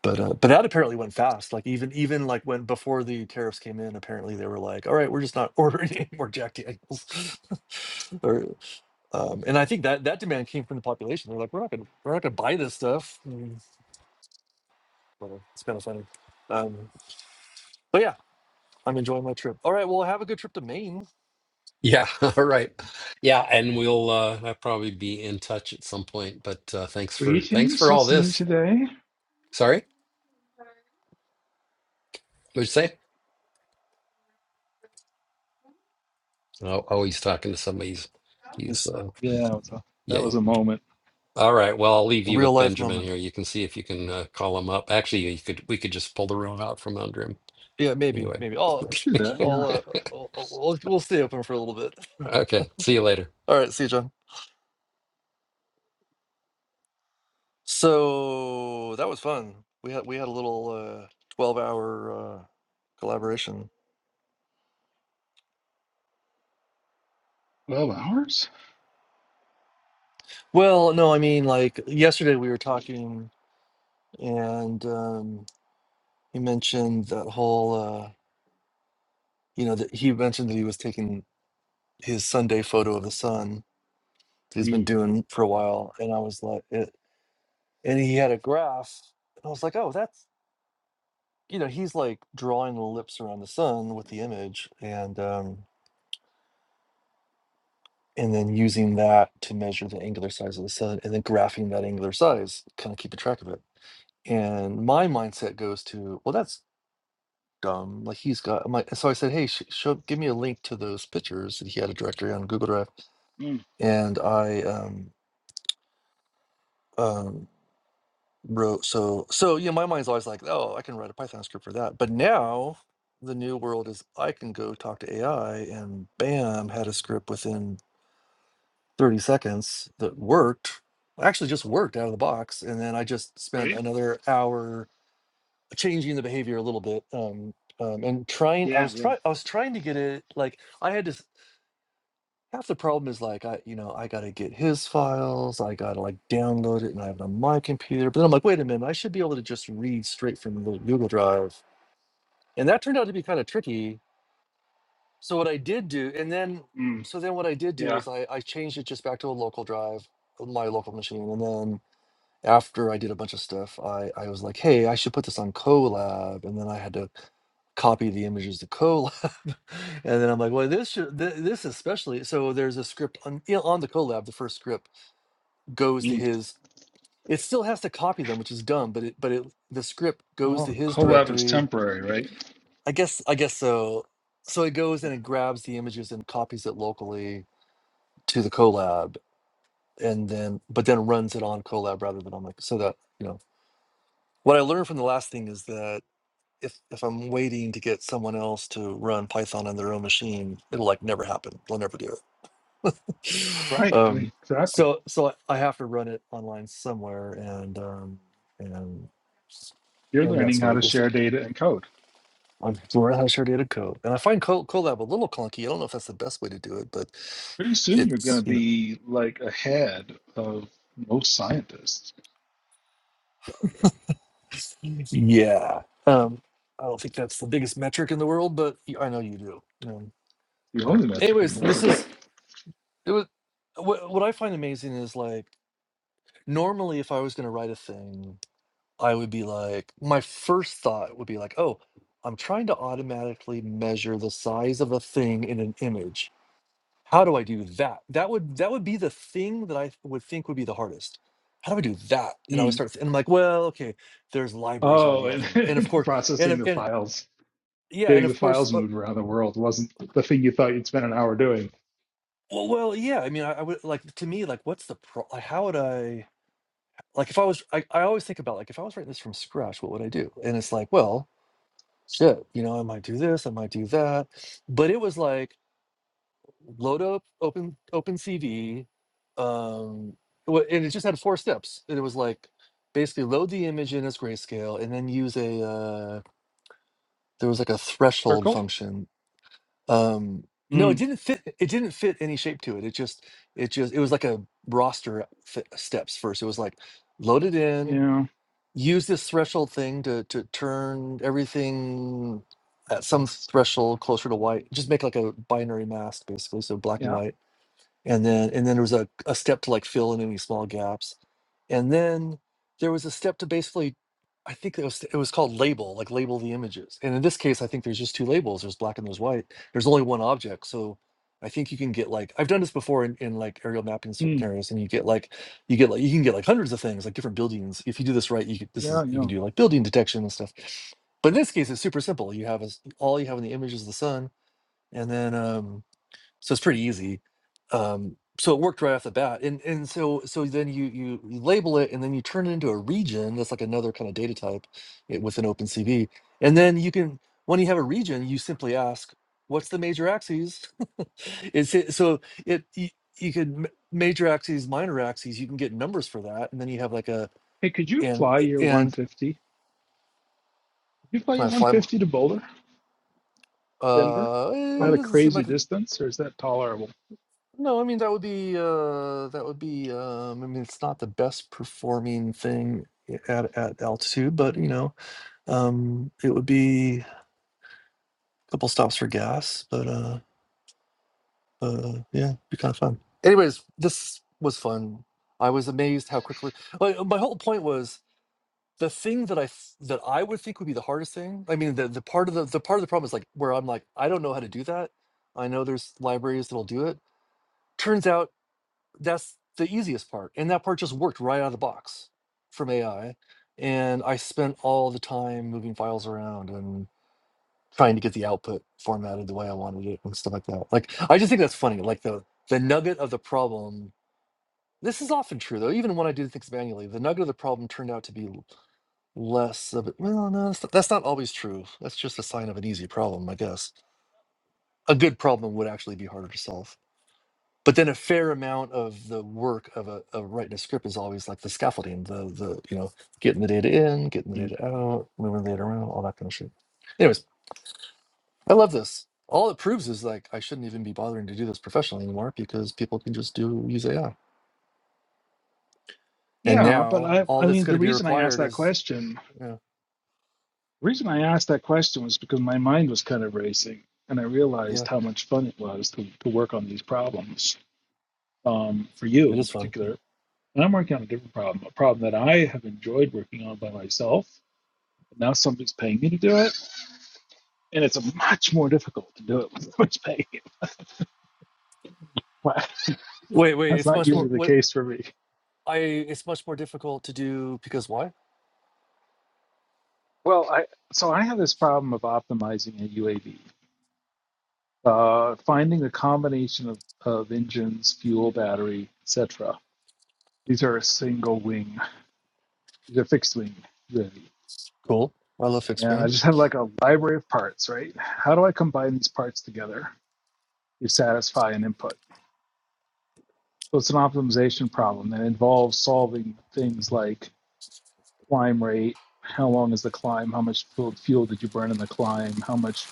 [SPEAKER 2] but uh, but that apparently went fast. Like even even like when before the tariffs came in, apparently they were like, "All right, we're just not [LAUGHS] ordering any more Jack Daniels." [LAUGHS] or, um, and I think that that demand came from the population. They're like, "We're not gonna we're not gonna buy this stuff." Mm, whatever. It's kind of funny. Um, but yeah, I'm enjoying my trip. All right, well, have a good trip to Maine.
[SPEAKER 1] Yeah, [LAUGHS] all right. Yeah, and we'll uh I'll probably be in touch at some point, but uh thanks for thanks
[SPEAKER 4] Greetings.
[SPEAKER 1] for all
[SPEAKER 4] What's new
[SPEAKER 1] this.
[SPEAKER 4] today?
[SPEAKER 1] Sorry, what'd you say? Oh, oh he's talking to somebody. He's he's
[SPEAKER 2] It's
[SPEAKER 1] uh
[SPEAKER 4] Yeah, what's up? that
[SPEAKER 1] yeah.
[SPEAKER 4] was a moment.
[SPEAKER 1] All right. Well, I'll leave
[SPEAKER 2] a
[SPEAKER 1] you
[SPEAKER 2] real
[SPEAKER 1] with
[SPEAKER 2] life
[SPEAKER 1] Benjamin
[SPEAKER 2] moment.
[SPEAKER 1] here. You can see if you can uh, call him up. Actually, you could we could just pull the room out from under him.
[SPEAKER 2] Yeah, maybe
[SPEAKER 1] Anyway.
[SPEAKER 2] maybe. I'll
[SPEAKER 4] We Do
[SPEAKER 1] [LAUGHS]
[SPEAKER 4] that.
[SPEAKER 2] I'll
[SPEAKER 4] Yeah.
[SPEAKER 2] uh, I'll, I'll, I'll- we'll stay open for a little bit.
[SPEAKER 1] Okay. See you later.
[SPEAKER 2] [LAUGHS] All right, see you, John. So that was fun. We had we had a little uh, twelve hour uh, collaboration.
[SPEAKER 4] Twelve hours.
[SPEAKER 2] Well, no, I mean like yesterday we were talking, and um, he mentioned that whole uh, you know that he mentioned that he was taking his Sunday photo of the sun that he's been
[SPEAKER 4] Mm.
[SPEAKER 2] doing for a while, and I was like, it, and he had a graph, and I was like, oh, that's you know he's like drawing the lips around the sun with the image, and um, and then using that to measure the angular size of the sun and then graphing that angular size kind of keeping track of it and my mindset goes to well that's dumb like he's got my so i said hey sh- show give me a link to those pictures and he had a directory on google drive
[SPEAKER 4] Mm,
[SPEAKER 2] and i um um wrote so so yeah my mind's always like oh i can write a python script for that but now the new world is i can go talk to ai and bam had a script within 30 seconds that worked actually just worked out of the box and then i just spent
[SPEAKER 4] Right.
[SPEAKER 2] another hour changing the behavior a little bit um, um and trying i
[SPEAKER 4] Yeah.
[SPEAKER 2] was
[SPEAKER 4] Yeah.
[SPEAKER 2] trying i was trying to get it like i had to s- half the problem is like i you know i gotta get his files i gotta like download it and i have it on my computer but then i'm like wait a minute i should be able to just read straight from the google drive and that turned out to be kind of tricky so what i did do and then
[SPEAKER 4] Mm,
[SPEAKER 2] so then what i did do
[SPEAKER 4] yeah.
[SPEAKER 2] is i i changed it just back to a local drive my local machine and then after I did a bunch of stuff, I, I was like, hey, I should put this on Colab. And then I had to copy the images to Colab. [LAUGHS] and then I'm like, well, this should, th- this especially. So there's a script on, you know, on the Colab. The first script goes to
[SPEAKER 4] Mm.
[SPEAKER 2] his. It still has to copy them, which is dumb. But it but it the script goes
[SPEAKER 4] No,
[SPEAKER 2] to his
[SPEAKER 4] Colab is
[SPEAKER 2] directory.
[SPEAKER 4] temporary, right?
[SPEAKER 2] I guess I guess so. So it goes and it grabs the images and copies it locally to the Colab, and then but then runs it on Colab rather than on like so that you know what I learned from the last thing is that if if I'm waiting to get someone else to run Python on their own machine, it'll like never happen. They'll never do it. [LAUGHS]
[SPEAKER 4] Right,
[SPEAKER 2] um,
[SPEAKER 4] exactly.
[SPEAKER 2] so so I I have to run it online somewhere, and um, and
[SPEAKER 4] You're
[SPEAKER 2] and
[SPEAKER 4] learning
[SPEAKER 2] that's what
[SPEAKER 4] how
[SPEAKER 2] I
[SPEAKER 4] to
[SPEAKER 2] just
[SPEAKER 4] share data and code.
[SPEAKER 2] I'm learning how to share data code. And I find Col- Colab a little clunky. I don't know if that's the best way to do it, but
[SPEAKER 4] Pretty soon you're going
[SPEAKER 2] it's
[SPEAKER 4] to
[SPEAKER 2] you know
[SPEAKER 4] be like ahead of most scientists.
[SPEAKER 2] yeah. Um, I don't think that's the biggest metric in the world, but y- I know you do. Um,
[SPEAKER 4] The
[SPEAKER 2] but
[SPEAKER 4] only metric in the
[SPEAKER 2] anyways, this
[SPEAKER 4] world.
[SPEAKER 2] is it was what what I find amazing is like. normally if I was going to write a thing, I would be like, my first thought would be like, oh, I'm trying to automatically measure the size of a thing in an image. How do I do that? That would that would be the thing that I would think would be the hardest. How do I do that? And I would
[SPEAKER 4] Mm.
[SPEAKER 2] start, th- and I'm like, well, okay, there's libraries
[SPEAKER 4] Oh,
[SPEAKER 2] already out there, and of
[SPEAKER 4] and [LAUGHS]
[SPEAKER 2] course, and
[SPEAKER 4] processing
[SPEAKER 2] if-
[SPEAKER 4] the
[SPEAKER 2] and
[SPEAKER 4] files,
[SPEAKER 2] yeah, and
[SPEAKER 4] getting the
[SPEAKER 2] of course,
[SPEAKER 4] files
[SPEAKER 2] uh,
[SPEAKER 4] moved around the world wasn't the thing you thought you'd spend an hour doing.
[SPEAKER 2] well, well, yeah. I mean, I, I would like to me, like, what's the pro? Like, how would I? Like, if I was, I, I always think about like, if I was writing this from scratch, what would I do? And it's like, well, shit, you know, I might do this, I might do that. But it was like load up open open CV. Um wha- and it just had four steps. And it was like basically load the image in as grayscale and then use a uh there was like a threshold
[SPEAKER 4] Circle?
[SPEAKER 2] function. Um no, it
[SPEAKER 4] Mm.
[SPEAKER 2] didn't fit it didn't fit any shape to it. It just it just it was like a roster f- steps first. It was like load it in,
[SPEAKER 4] Yeah,
[SPEAKER 2] use this threshold thing to to turn everything at some threshold closer to white. Just make like a binary mask basically, so black and
[SPEAKER 4] yeah,
[SPEAKER 2] white and then and then there was a, a step to like fill in any small gaps and then there was a step to basically i think it was it was called label like label the images and in this case i think there's just two labels there's black and there's white there's only one object so i think you can get like i've done this before in, in like aerial mapping certain
[SPEAKER 4] mm.
[SPEAKER 2] areas and you get like you get like you can get like hundreds of things like different buildings if you do this right you could this
[SPEAKER 4] yeah,
[SPEAKER 2] is you
[SPEAKER 4] yeah.
[SPEAKER 2] can do like building detection and stuff but in this case it's super simple you have a, s- all you have in the image is the sun and then um so it's pretty easy um so it worked right off the bat and and so so then you you, you label it and then you turn it into a region that's like another kind of data type eh, within opencv and then you can when you have a region you simply ask what's the major axes [LAUGHS] it's it, so it you, you could m- major axes minor axes you can get numbers for that and then you have like a
[SPEAKER 4] Hey, could you
[SPEAKER 2] and
[SPEAKER 4] fly your
[SPEAKER 2] and
[SPEAKER 4] 150? Could you fly your
[SPEAKER 2] can i fly m-
[SPEAKER 4] 150 to Boulder? Denver?
[SPEAKER 2] uh
[SPEAKER 4] Is
[SPEAKER 2] eh,
[SPEAKER 4] that
[SPEAKER 2] it
[SPEAKER 4] a
[SPEAKER 2] doesn't seem
[SPEAKER 4] crazy
[SPEAKER 2] like
[SPEAKER 4] distance or is that tolerable?
[SPEAKER 2] No, I mean that would be uh that would be um I mean it's not the best performing thing i- at at altitude, but you know, um it would be a couple stops for gas, but uh uh yeah, it'd be kind of fun. Anyways, this was fun. I was amazed how quickly my, my whole point was the thing that I f- that I would think would be the hardest thing. I mean the the part of the the part of the problem is like where I'm like I don't know how to do that. I know there's libraries that'll do it. Turns out that's the easiest part and that part just worked right out of the box from ai and i spent all the time moving files around and trying to get the output formatted the way i wanted it and stuff like that like i just think that's funny like the the nugget of the problem this is often true though even when i do things manually the nugget of the problem turned out to be l- less of it well no that's not, that's not always true that's just a sign of an easy problem i guess a good problem would actually be harder to solve but then a fair amount of the work of a of writing a script is always like the scaffolding, the the you know getting the data in, getting the
[SPEAKER 4] Mm-hmm.
[SPEAKER 2] data out, moving the data around, all that kind of shit. Anyways, I love this. All it proves is like I shouldn't even be bothering to do this professionally anymore because people can just do use AI. And
[SPEAKER 4] Yeah, but
[SPEAKER 2] now
[SPEAKER 4] I
[SPEAKER 2] all
[SPEAKER 4] I
[SPEAKER 2] that's
[SPEAKER 4] mean
[SPEAKER 2] going
[SPEAKER 4] the
[SPEAKER 2] to be
[SPEAKER 4] reason I asked
[SPEAKER 2] required
[SPEAKER 4] that
[SPEAKER 2] is
[SPEAKER 4] question,
[SPEAKER 2] you know,
[SPEAKER 4] the reason I asked that question was because my mind was kind of racing and I
[SPEAKER 2] yeah,
[SPEAKER 4] realized how much fun it was to, to work on these problems. Um, for you
[SPEAKER 2] it
[SPEAKER 4] in
[SPEAKER 2] is fun.
[SPEAKER 4] particular. And I'm working on a different problem, a problem that I have enjoyed working on by myself. And now somebody's paying me to do it. And it's much more difficult to do it when somebody's paying you. [LAUGHS]
[SPEAKER 2] Wait, wait,
[SPEAKER 4] That's
[SPEAKER 2] it's
[SPEAKER 4] not
[SPEAKER 2] much more
[SPEAKER 4] usually the
[SPEAKER 2] what
[SPEAKER 4] case for me.
[SPEAKER 2] I it's much more difficult to do because why?
[SPEAKER 4] Well, I, so I have this problem of optimizing a UAV, uh, finding the combination of, of engines, fuel, battery, etc. These are a single wing, these are fixed wing UAV.
[SPEAKER 2] Cool. I love fixed
[SPEAKER 4] And
[SPEAKER 2] wing.
[SPEAKER 4] I just have like a library of parts, right? How do I combine these parts together to satisfy an input? So it's an optimization problem that involves solving things like climb rate, how long is the climb, how much fuel fuel did you burn in the climb, how much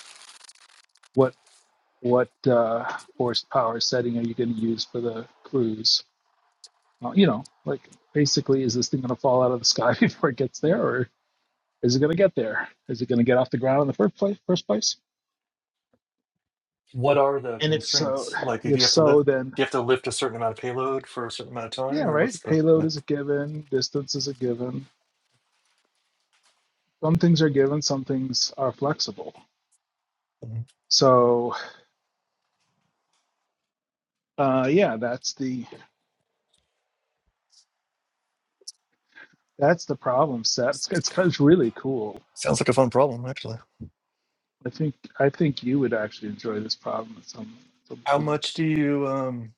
[SPEAKER 4] what what uh, horsepower setting are you going to use for the cruise? Uh, you know, like basically, is this thing going to fall out of the sky [LAUGHS] before it gets there, or is it going to get there? Is it going to get off the ground in the first place? First place?
[SPEAKER 2] What are the
[SPEAKER 4] And if so,
[SPEAKER 2] constraints? Like, do
[SPEAKER 4] if
[SPEAKER 2] you have to lift?
[SPEAKER 4] so, then
[SPEAKER 2] Do you have to lift a certain amount of payload for a certain amount of
[SPEAKER 4] yeah,
[SPEAKER 2] time, or
[SPEAKER 4] right.
[SPEAKER 2] what's the?
[SPEAKER 4] Payload
[SPEAKER 2] yeah.
[SPEAKER 4] is a given. Distance is a given. Some things are given. Some things are flexible.
[SPEAKER 2] Mhm.
[SPEAKER 4] So uh, yeah, that's the that's the problem set. It's it's, it's really cool.
[SPEAKER 2] Sounds like a fun problem, actually.
[SPEAKER 4] I think I think you would actually enjoy this problem at some some
[SPEAKER 2] How
[SPEAKER 4] point.
[SPEAKER 2] much do you? um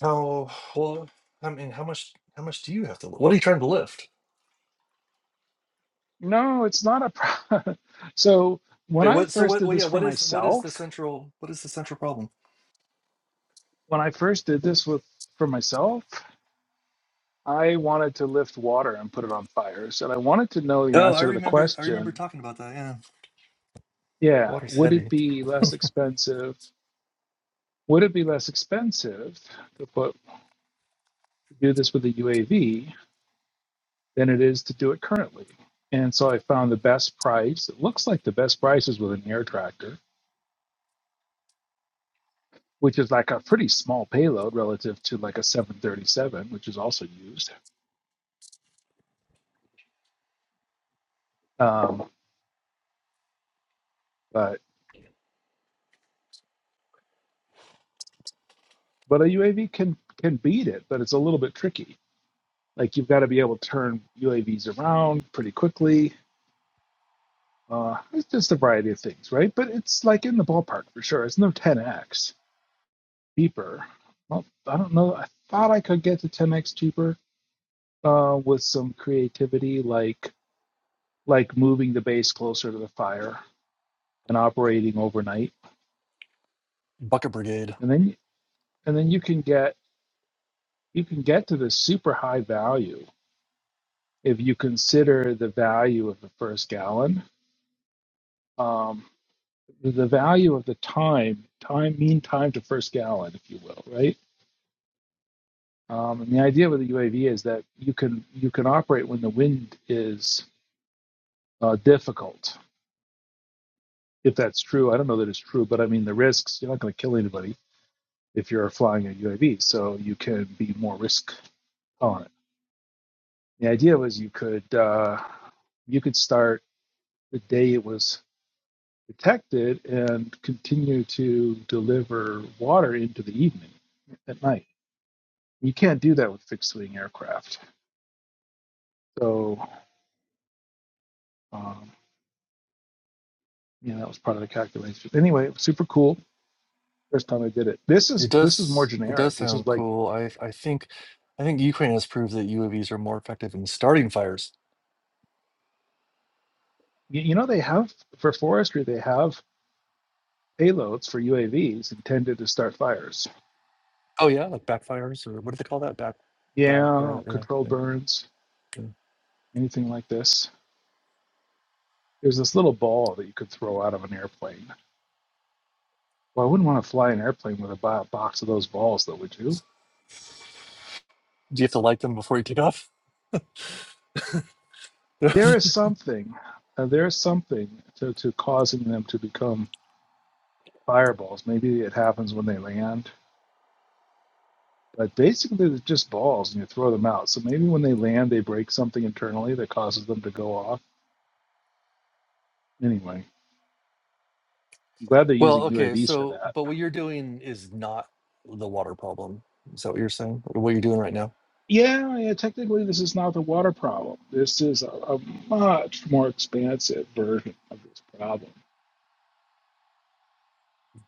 [SPEAKER 2] How well? I mean, how much? How much do you have to? lift? What are you trying to lift?
[SPEAKER 4] No, it's not a problem. [LAUGHS] So when
[SPEAKER 2] Wait,
[SPEAKER 4] I
[SPEAKER 2] what? So
[SPEAKER 4] first
[SPEAKER 2] what?
[SPEAKER 4] did
[SPEAKER 2] Well, yeah.
[SPEAKER 4] this for
[SPEAKER 2] What is? What is the
[SPEAKER 4] myself,
[SPEAKER 2] central? What is the central problem?
[SPEAKER 4] when I first did this with for myself, I wanted to lift water and put it on fire. So I wanted to know the
[SPEAKER 2] Oh, I
[SPEAKER 4] answer to the
[SPEAKER 2] remember. I remember
[SPEAKER 4] question,
[SPEAKER 2] talking about that. Yeah,
[SPEAKER 4] yeah,
[SPEAKER 2] water's
[SPEAKER 4] would it
[SPEAKER 2] heavy.
[SPEAKER 4] be less expensive? Would it be less expensive to put do this with a UAV than it is to do it currently? And so I found the best price. It looks like the best price is with an air tractor which is like a pretty small payload relative to like a 737, which is also used. Um, but but a UAV can can beat it, but it's a little bit tricky. Like you've got to be able to turn UAVs around pretty quickly. Uh, it's just a variety of things, right? But it's like in the ballpark for sure. It's no 10x cheaper. Well, I don't know. I thought I could get to 10x cheaper uh, with some creativity, like like moving the base closer to the fire and operating overnight.
[SPEAKER 2] Bucket brigade.
[SPEAKER 4] and then. and then you can get you can get to this super high value if you consider the value of the first gallon um, the value of the time time mean time to first gallon if you will right um, and the idea with the uav is that you can you can operate when the wind is uh, difficult if that's true i don't know that it's true but i mean the risks you're not going to kill anybody if you're flying a uav so you can be more risk tolerant the idea was you could uh, you could start the day it was detected and continue to deliver water into the evening at night. You can't do that with fixed wing aircraft. So, um, yeah, that was part of the calculation. Anyway, it was super cool. First time I did it. This
[SPEAKER 2] It
[SPEAKER 4] is this is more
[SPEAKER 2] does. It does
[SPEAKER 4] generic. This is
[SPEAKER 2] sound
[SPEAKER 4] like
[SPEAKER 2] cool. I. I think. I think Ukraine has proved that UAVs are more effective in starting fires
[SPEAKER 4] you, you know they have for forestry they have payloads for UAVs intended to start fires.
[SPEAKER 2] Oh yeah, like backfires or what do they call that? Back, back. Uh,
[SPEAKER 4] Yeah,
[SPEAKER 2] yeah, yeah,
[SPEAKER 4] controlled burns,
[SPEAKER 2] yeah.
[SPEAKER 4] anything like this. There's this little ball that you could throw out of an airplane Well, I wouldn't want to fly an airplane with a bo- box of those balls, though, would you?
[SPEAKER 2] Do you have to light them before you take off? [LAUGHS]
[SPEAKER 4] There is something. Uh, there is something to, to causing them to become fireballs. Maybe it happens when they land, but basically they're just balls, and you throw them out. So maybe when they land, they break something internally that causes them to go off. Anyway, I'm glad they're
[SPEAKER 2] well,
[SPEAKER 4] using
[SPEAKER 2] okay.
[SPEAKER 4] UAVs for
[SPEAKER 2] So,
[SPEAKER 4] that.
[SPEAKER 2] but what you're doing is not the water problem. Is that what you're saying? Or What you're doing right now?
[SPEAKER 4] Yeah, yeah. Technically, this is not the water problem. This is a, a much more expansive version of this problem.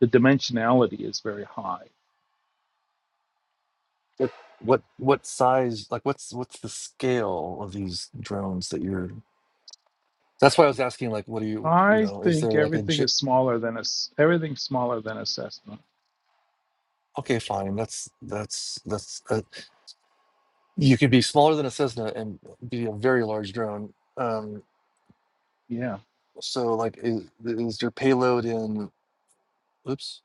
[SPEAKER 4] The dimensionality is very high
[SPEAKER 2] What what what size? Like, what's what's the scale of these drones that you're? That's why I was asking. Like, what do you you
[SPEAKER 4] I
[SPEAKER 2] know? Is there
[SPEAKER 4] think
[SPEAKER 2] like a?
[SPEAKER 4] everything is smaller than a s- everything smaller than assessment.
[SPEAKER 2] Okay, fine. That's that's that's. Uh, you could be smaller than a Cessna and be a very large drone. Um,
[SPEAKER 4] Yeah.
[SPEAKER 2] so, like, is, is your payload in? Oops,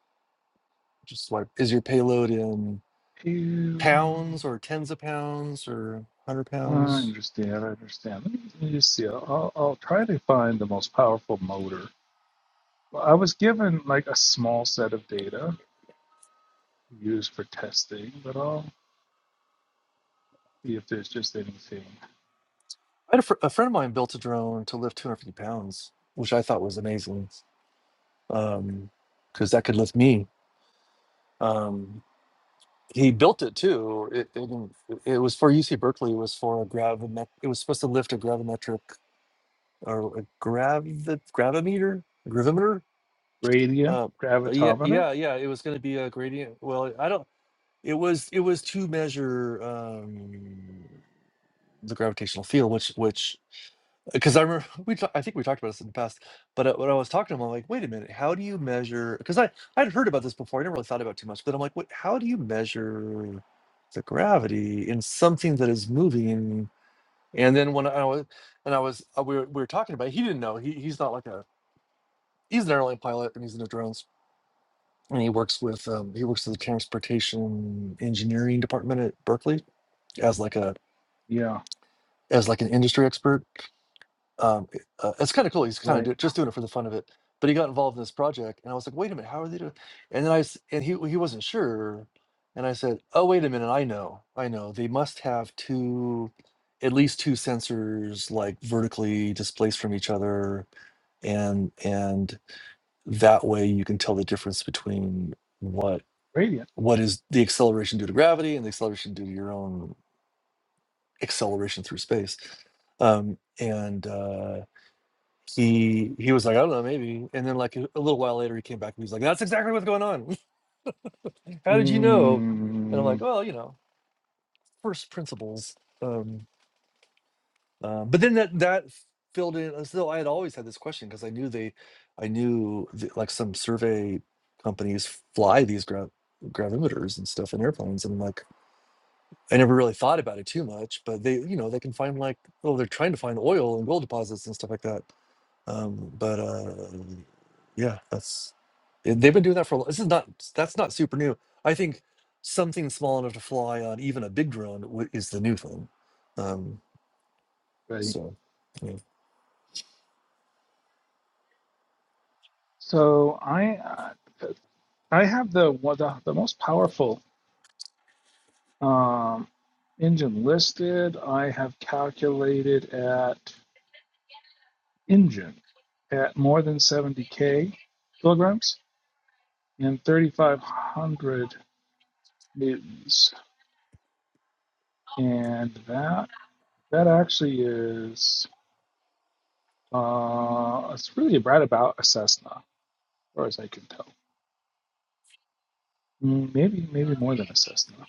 [SPEAKER 2] just swipe. Is your payload in
[SPEAKER 4] Pew.
[SPEAKER 2] pounds or tens of pounds or hundred
[SPEAKER 4] I
[SPEAKER 2] pounds?
[SPEAKER 4] understand. I understand. Let me, let me just see. I'll, I'll try to find the most powerful motor. Well, I was given like a small set of data used for testing, but I'll see if there's just anything.
[SPEAKER 2] I had a, fr- a friend of mine built a drone to lift 250 pounds, which I thought was amazing, because that could lift me. Um, he built it too. It, it didn't- it was for UC Berkeley. It was for a gravimet. It was supposed to lift a gravimetric or a gravit gravimeter gravimeter
[SPEAKER 4] Radiant
[SPEAKER 2] Um, uh yeah
[SPEAKER 4] gravitometer.
[SPEAKER 2] yeah yeah it was going to be a gradient well i don't it was it was to measure um the gravitational field which which because i remember [LAUGHS] we ta- i think we talked about this in the past but uh, when i was talking to him i'm like wait a minute how do you measure because i i'd heard about this before i never really thought about it too much but i'm like what how do you measure the gravity in something that is moving and then when i was and I was uh, we were, we were talking about. it, He didn't know. He he's not like a he's an airline pilot and he's into drones and he works with um, he works in the transportation engineering department at berkeley as like a
[SPEAKER 4] Yeah.
[SPEAKER 2] as like an industry expert um, it- uh, it's kind of cool he's kind of
[SPEAKER 4] Right.
[SPEAKER 2] do, just doing it for the fun of it but he got involved in this project and i was like wait a minute how are they doing and then i s- and he he wasn't sure and i said oh wait a minute i know i know they must have two at least two sensors like vertically displaced from each other and and. that way you can tell the difference between what
[SPEAKER 4] Radiant.
[SPEAKER 2] what is the acceleration due to gravity and the acceleration due to your own acceleration through space um and uh he he was like i don't know maybe and then like a, a little while later he came back and he was like that's exactly what's going on [LAUGHS] how did you know and i'm
[SPEAKER 4] Mm,
[SPEAKER 2] like well you know first principles um, Uh, but then that that filled in as though I had always had this question because I knew they, I knew th- like some survey companies fly these gra- gravimeters and stuff in airplanes, and like I never really thought about it too much. But they, you know, they can find like oh, they're trying to find oil and gold deposits and stuff like that. Um, but uh, yeah, that's and they've been doing that for a long. This is not that's not super new. I think something small enough to fly on even a big drone w- is the new thing. Um,
[SPEAKER 4] right.
[SPEAKER 2] so. yeah.
[SPEAKER 4] So I uh, I have the one the, the most powerful Um, engine listed, I have calculated at engine at more than 70k kilograms and 3,500 newtons, and that that actually is uh, it's really right about a Cessna, as far as I can tell. Mm, Maybe maybe more than a Cessna.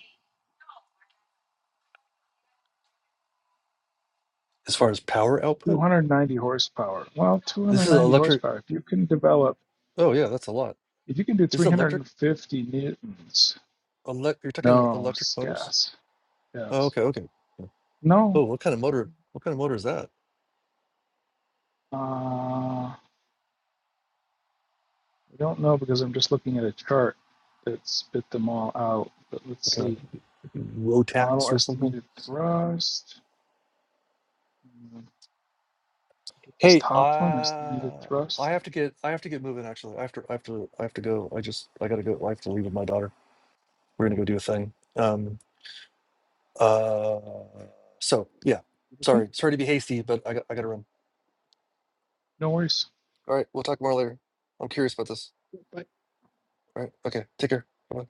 [SPEAKER 2] as far as power output.
[SPEAKER 4] 290 horsepower. Well,
[SPEAKER 2] This is
[SPEAKER 4] 290
[SPEAKER 2] electric.
[SPEAKER 4] horsepower. If you can develop,
[SPEAKER 2] Oh yeah, that's a lot.
[SPEAKER 4] if you can do
[SPEAKER 2] Is it electric?
[SPEAKER 4] 350 newtons
[SPEAKER 2] Elect, you're talking ele-
[SPEAKER 4] No,
[SPEAKER 2] electric motors?
[SPEAKER 4] gas.
[SPEAKER 2] Oh,
[SPEAKER 4] Yes.
[SPEAKER 2] okay, okay. Yeah.
[SPEAKER 4] No,
[SPEAKER 2] Oh, what kind of motor? What kind of motor is that?
[SPEAKER 4] uh, I don't know because I'm just looking at a chart that spit them all out. But let's
[SPEAKER 2] What kind
[SPEAKER 4] see.
[SPEAKER 2] of Rotax
[SPEAKER 4] Model
[SPEAKER 2] or something?
[SPEAKER 4] estimated thrust. Hmm, This
[SPEAKER 2] Hey,
[SPEAKER 4] top one,
[SPEAKER 2] uh,
[SPEAKER 4] estimated
[SPEAKER 2] I
[SPEAKER 4] thrust.
[SPEAKER 2] have to get I have to get moving. Actually, I have to I have to I have to go. I just I gotta go. I have to leave with my daughter. We're gonna go do a thing. Um. Uh. So yeah.
[SPEAKER 4] You think?
[SPEAKER 2] Sorry. Sorry to be hasty, but I got I gotta run.
[SPEAKER 4] No worries.
[SPEAKER 2] All right. We'll talk more later. I'm curious about this.
[SPEAKER 4] Bye.
[SPEAKER 2] All right. Okay. Take care. Bye.